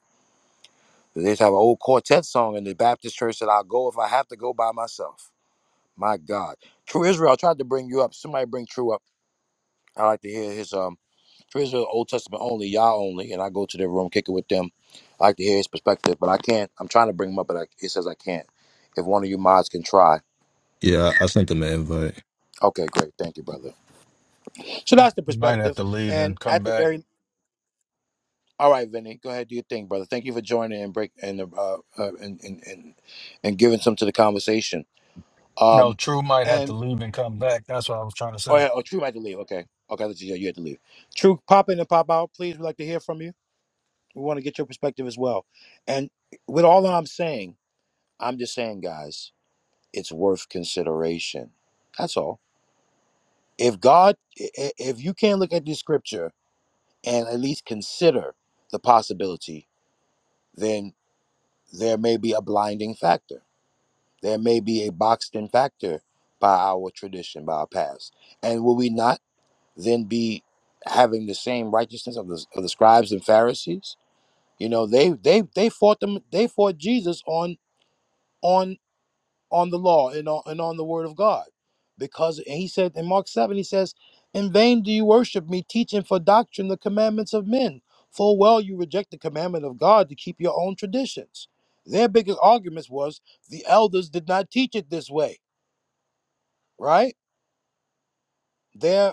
they used to have an old quartet song in the Baptist church that I'll go if I have to go by myself. My God. True Israel, I tried to bring you up. Somebody bring True up. I like to hear his um True Israel Old Testament only, Yah only, and I go to their room, kick it with them. I like to hear his perspective, but I can't. I'm trying to bring him up, but I, it says I can't. If one of you mods can try. Yeah, I, I sent them an invite. Okay, great. Thank you, brother. So that's the Might have perspective. to leave And and come at the back. very all right, Vinny, go ahead, do your thing, brother. Thank you for joining and break and uh, uh and, and and and giving some to the conversation. No, Um, True might have and to leave and come back. That's what I was trying to Oh say. yeah, oh True might to leave. Okay. Okay, let's see. Yeah, you had to leave. True, pop in and pop out, please. We'd like to hear from you. We want to get your perspective as well. And with all that I'm saying, I'm just saying, guys, it's worth consideration. That's all. If God, i- i- if you can't look at the scripture and at least consider the possibility, then there may be a blinding factor. There may be a boxed in factor by our tradition, by our past. And will we not? then be having the same righteousness of the, of the scribes and Pharisees? You know, they they they fought them. They fought Jesus on on on the law and on and on the word of God, because and he said in Mark seven he says, "In vain do you worship me, teaching for doctrine the commandments of men. Full well you reject the commandment of God to keep your own traditions." Their biggest arguments was the elders did not teach it this way, right? Their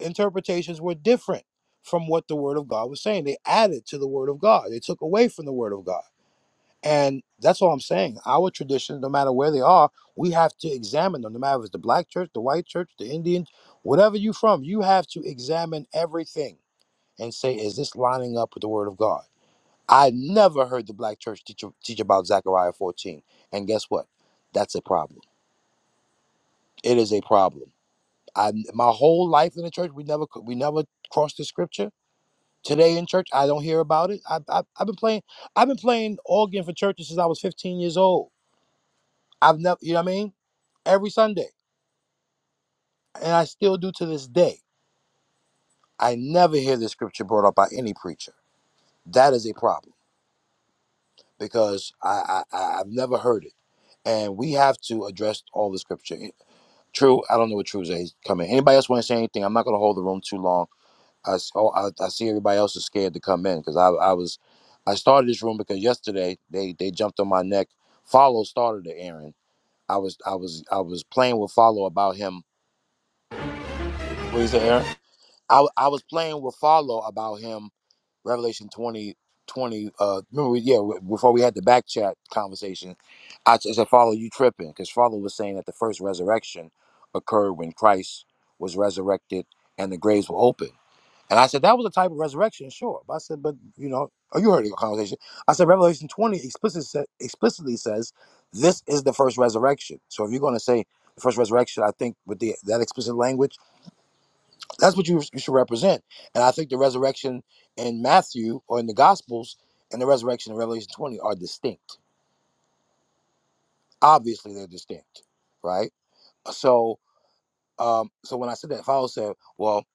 interpretations were different from what the word of God was saying. They added to the word of God. They took away from the word of God. And that's all I'm saying. Our traditions, no matter where they are, we have to examine them. No matter if it's the black church, the white church, the Indian, whatever you are from, you have to examine everything and say, is this lining up with the word of God? I never heard the black church teach, teach about Zechariah 14. And guess what? That's a problem. It is a problem. I my whole life in the church, we never we never crossed the scripture Today in church, I don't hear about it. I, I I've been playing. I've been playing organ for churches since I was 15 years old. I've never, you know what I mean? Every Sunday, and I still do to this day. I never hear this scripture brought up by any preacher. That is a problem because I, I I- I've never heard it, and we have to address all the scripture. True, I don't know what true is coming. Anybody else want to say anything? I'm not going to hold the room too long. I, s- oh, I, I see everybody else is scared to come in because I, I was, I started this room because yesterday they they jumped on my neck. Follow started the Aaron. I was I was I was playing with Follow about him. What you say, Aaron? I, w- I was playing with Follow about him Revelation 20 20. uh, remember, we, yeah, w- before we had the back chat conversation, I t- I said, Follow, you tripping. Because Follow was saying that the first resurrection occurred when Christ was resurrected and the graves were open. And I said, That was a type of resurrection, sure. But I said, But, you know, oh, you heard the conversation. I said, Revelation 20 explicitly, sa- explicitly says this is the first resurrection. So if you're going to say the first resurrection, I think with the that explicit language, that's what you, you should represent. And I think the resurrection in Matthew or in the Gospels and the resurrection in Revelation 20 are distinct. Obviously, they're distinct, right? So, um, so when I said that, Fowler said, "Well,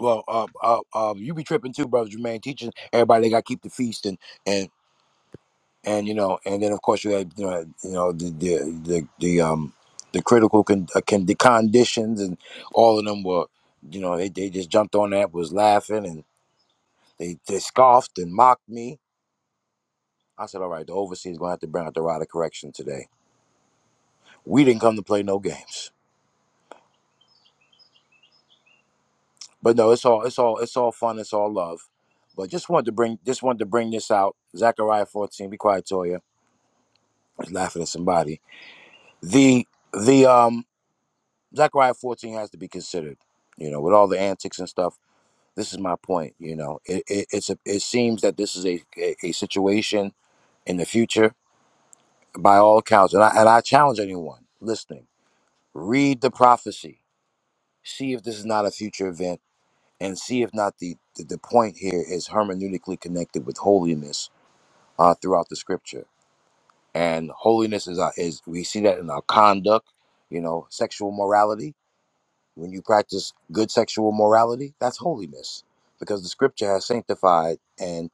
well, uh, uh, um, you be tripping too, brother Jermaine, teaching everybody they got to keep the feast and and and you know, and then of course you had you know, you know the the the, the um the critical con- uh, con- the conditions and all of them were." You know, they, they just jumped on that, was laughing, They, they scoffed and mocked me. I said, all right, the overseer's gonna have to bring out the rod of correction today. We didn't come to play no games. But no, it's all it's all it's all fun, it's all love. But just wanted to bring just wanted to bring this out. Zechariah 14, be quiet, Toya. I was laughing at somebody. The the um Zechariah 14 has to be considered, you know, with all the antics and stuff. This is my point, you know. It, it it's a, it seems that this is a, a, a situation in the future by all accounts, and I and I challenge anyone listening read the prophecy see if this is not a future event and see if not the the, the point here is hermeneutically connected with holiness uh, throughout the scripture and holiness is our, is we see that in our conduct you know sexual morality when you practice good sexual morality that's holiness because the scripture has sanctified and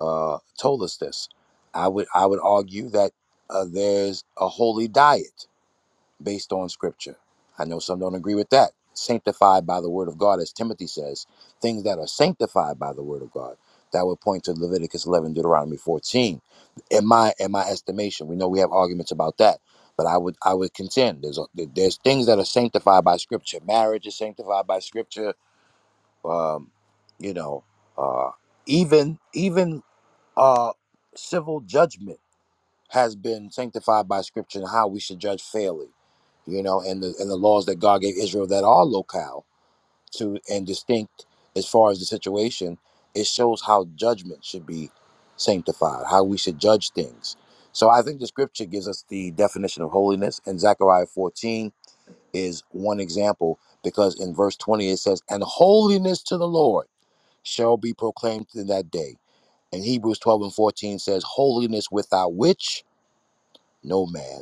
uh, told us this i would i would argue that uh, there's a holy diet based on scripture. I know some don't agree with that. Sanctified by the word of God, as Timothy says, things that are sanctified by the word of God. That would point to Leviticus 11, Deuteronomy 14. In my in my estimation, we know we have arguments about that, but I would I would contend there's a, there's things that are sanctified by Scripture. Marriage is sanctified by Scripture. Um, you know, uh, even even uh, civil judgment has been sanctified by scripture and how we should judge fairly, you know, and the and the laws that God gave Israel that are locale to and distinct as far as the situation, it shows how judgment should be sanctified, how we should judge things. So I think the scripture gives us the definition of holiness, and Zechariah 14 is one example because in verse 20 it says, And holiness to the Lord shall be proclaimed in that day. And Hebrews 12 and 14 says, Holiness without which no man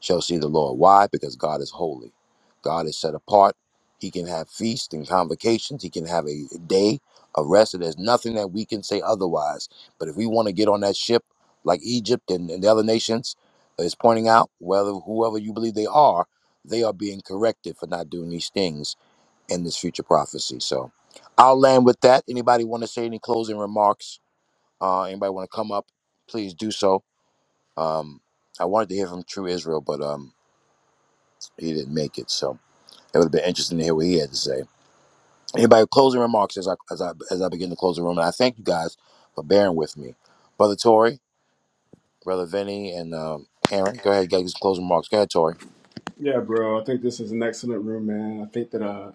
shall see the Lord. Why? Because God is holy. God is set apart. He can have feasts and convocations. He can have a day of rest. And there's nothing that we can say otherwise. But if we want to get on that ship, like Egypt and, and the other nations is pointing out, whether whoever you believe they are, they are being corrected for not doing these things in this future prophecy. So I'll land with that. Anybody want to say any closing remarks? Uh, anybody want to come up? Please do so. Um, I wanted to hear from True Israel, but um, he didn't make it. So it would have been interesting to hear what he had to say. Anybody with closing remarks as I as I as I begin to close the room, and I thank you guys for bearing with me, brother Tori, brother Vinny, and um, Aaron. Go ahead, get some closing remarks. Go ahead, Tori. Yeah, bro. I think this is an excellent room, man. I think that uh,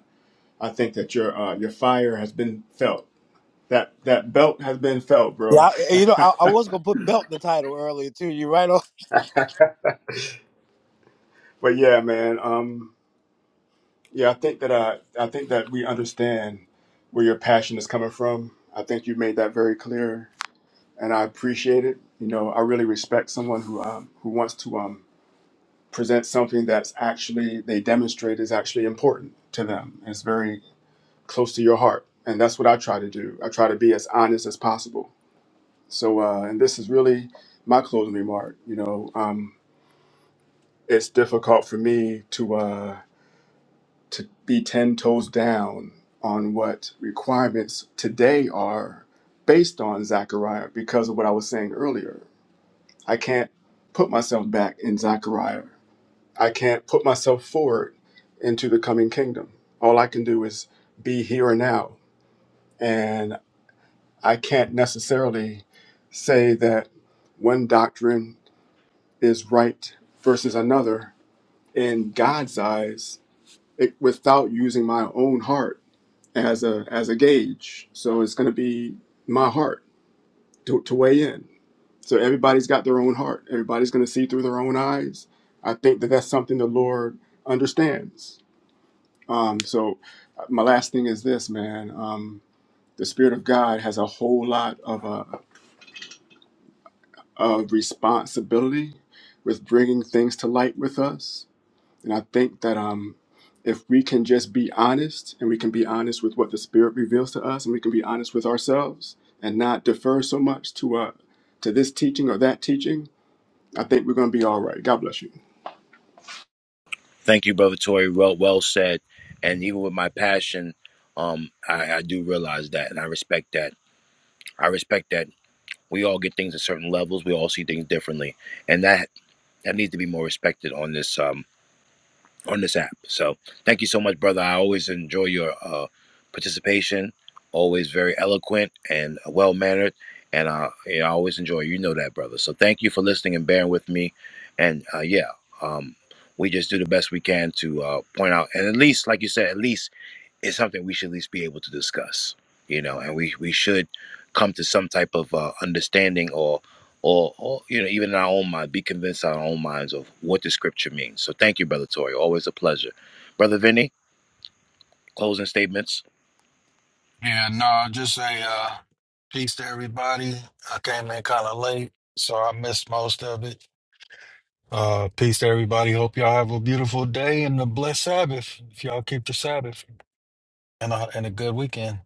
I think that your uh, your fire has been felt. That that belt has been felt, Yeah, bro. I, you know, I, I <laughs> was gonna put belt in the title earlier too. You right on. But yeah, man. Um, yeah, I think that I, I think that we understand where your passion is coming from. I think you made that very clear, and I appreciate it. You know, I really respect someone who um, who wants to um, present something that's actually they demonstrate is actually important to them. And it's very close to your heart, and that's what I try to do. I try to be as honest as possible. So, uh, and this is really my closing remark. You know, um, it's difficult for me to. Uh, to be 10 toes down on what requirements today are based on Zechariah because of what I was saying earlier. I can't put myself back in Zechariah. I can't put myself forward into the coming kingdom. All I can do is be here and now. And I can't necessarily say that one doctrine is right versus another in God's eyes it, without using my own heart as a as a gauge. So it's going to be my heart to, to weigh in. So everybody's got their own heart. Everybody's going to see through their own eyes. I think that that's something the Lord understands. Um, so uh, my last thing is this, man. Um, the Spirit of God has a whole lot of uh, of responsibility with bringing things to light with us And I think that um, if we can just be honest and we can be honest with what the Spirit reveals to us and we can be honest with ourselves and not defer so much to, uh, to this teaching or that teaching, I think we're going to be all right. God bless you. Thank you, brother Tori. Well, well said. And even with my passion, um, I, I do realize that, and I respect that. I respect that we all get things at certain levels. We all see things differently, and that that needs to be more respected on this. Um, on this app. So thank you so much, brother. I always enjoy your uh, participation. Always very eloquent and well mannered, and uh, yeah, I always enjoy. You You know that, brother. So thank you for listening and bearing with me. And uh, yeah, um, we just do the best we can to uh, point out, and at least, like you said, at least is something we should at least be able to discuss, you know, and we, we should come to some type of uh, understanding or, or, or, you know, even in our own mind, be convinced in our own minds of what the scripture means. So thank you, Brother Tori. Always a pleasure. Brother Vinny, closing statements. Yeah, no, just say uh, peace to everybody. I came in kind of late, so I missed most of it. Uh, peace to everybody. Hope y'all have a beautiful day and a blessed Sabbath. If y'all keep the Sabbath and a, and a good weekend.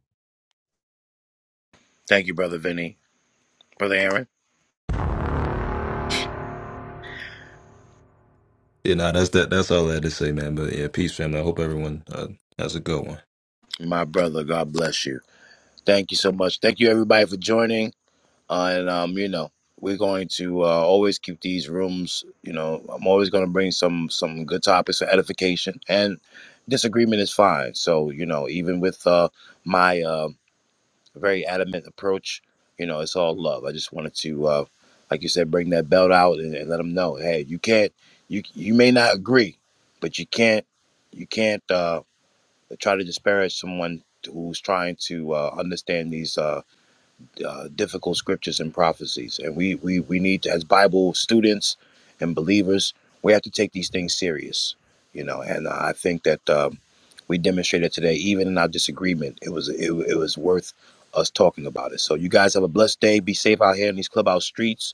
Thank you, Brother Vinny. Brother Aaron, Yeah, nah, that's that. That's all I had to say, man. But yeah, peace, family. I hope everyone uh, has a good one. my brother, God bless you. Thank you so much. Thank you, everybody, for joining. Uh, and um, you know, we're going to uh, always keep these rooms. You know, I'm always going to bring some some good topics for edification, and disagreement is fine. So you know, even with uh, my uh, very adamant approach, you know, it's all love. I just wanted to, uh, like you said, bring that belt out and, and let them know, hey, you can't, you you may not agree, but you can't, you can't uh, try to disparage someone who's trying to uh, understand these. Uh, uh, difficult scriptures and prophecies. And we, we, we need to, as Bible students and believers, we have to take these things serious, you know. And I think that um, we demonstrated today, even in our disagreement, it was it, it was worth us talking about it. So you guys have a blessed day. Be safe out here in these clubhouse streets.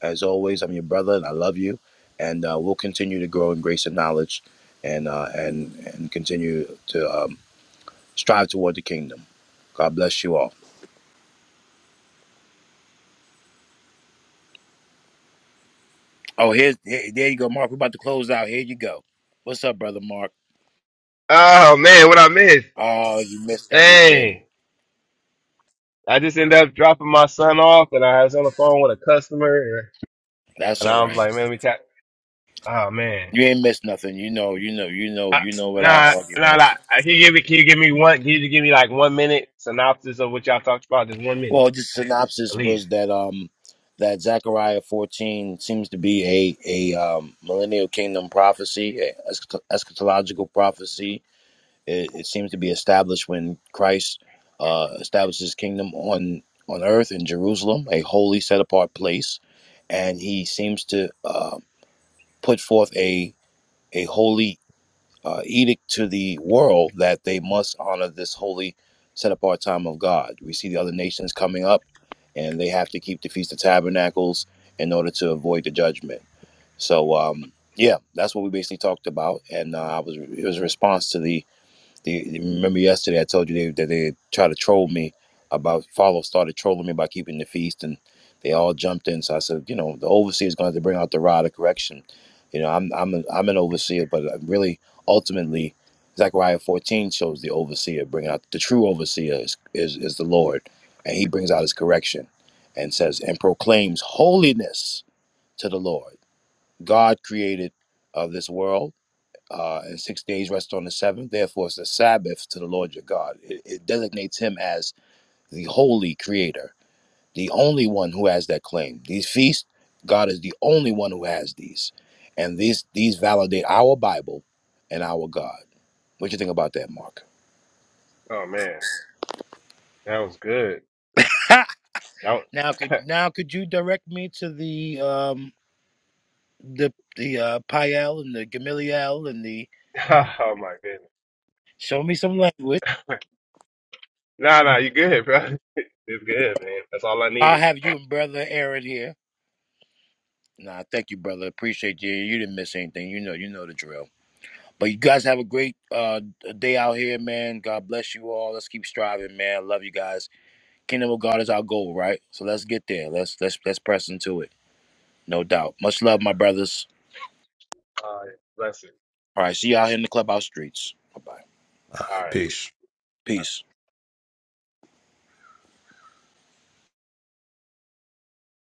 As always, I'm your brother, and I love you. And uh, we'll continue to grow in grace and knowledge, and uh, and and continue to um, strive toward the kingdom. God bless you all. Oh, here's here, there you go, Mark. We're about to close out. Here you go. What's up, brother Mark? Oh man, what I missed? Oh, you missed everything. Dang. I just ended up dropping my son off and I was on the phone with a customer and That's and all I was right. like, man, let me tap. Oh man. You ain't missed nothing. You know, you know, you know, I, you know what I nah, argue nah, about. nah. Can you give me, can you give me one, can you give me like one minute synopsis of what y'all talked about? Just one minute, Well, the synopsis at was least. that um that Zechariah 14 seems to be a a um, millennial kingdom prophecy, a eschat- eschatological prophecy It, it seems to be established when Christ uh, establishes his kingdom on on earth in Jerusalem, a holy, set apart place, and he seems to uh, put forth a a holy uh, edict to the world that they must honor this holy, set apart time of God. We see the other nations coming up, and they have to keep the feast of tabernacles in order to avoid the judgment. So. Um, yeah, that's what we basically talked about, and uh, I was it was a response to the they, remember yesterday I told you they, that they tried to troll me about follow started trolling me about keeping the feast and they all jumped in. So I said, you know, the overseer is going to have to bring out the rod of correction. You know, I'm I'm a, I'm an overseer, but uh, really ultimately Zechariah 14 shows the overseer bring out the true overseer is, is is the Lord, and he brings out his correction and says and proclaims holiness to the Lord, God created of this world uh, and six days rest on the seventh. Therefore, it's the Sabbath to the Lord your God. It, it designates him as the holy creator, the only one who has that claim. These feasts, God is the only one who has these. And these these validate our Bible and our God. What you think about that, Mark? Oh man. That was good. Ha! That was, Now could now could you direct me to the um the the uh Pael and the Gamaliel and the <laughs> oh my goodness. show me some language. <laughs> Nah, nah, you good, bro. <laughs> It's good, man. That's all I I'll needed. have you and brother Aaron here. Nah, thank you, brother. Appreciate you. You didn't miss anything. You know, you know the drill. But you guys have a great uh day out here, man. God bless you all. Let's keep striving, man. Love you guys. Kingdom of God is our goal, right? So let's get there. Let's let's let's press into it. No doubt. Much love, my brothers. All right. Bless you. All right, see y'all here in the clubhouse streets. Bye bye. All All right, right. peace. Peace.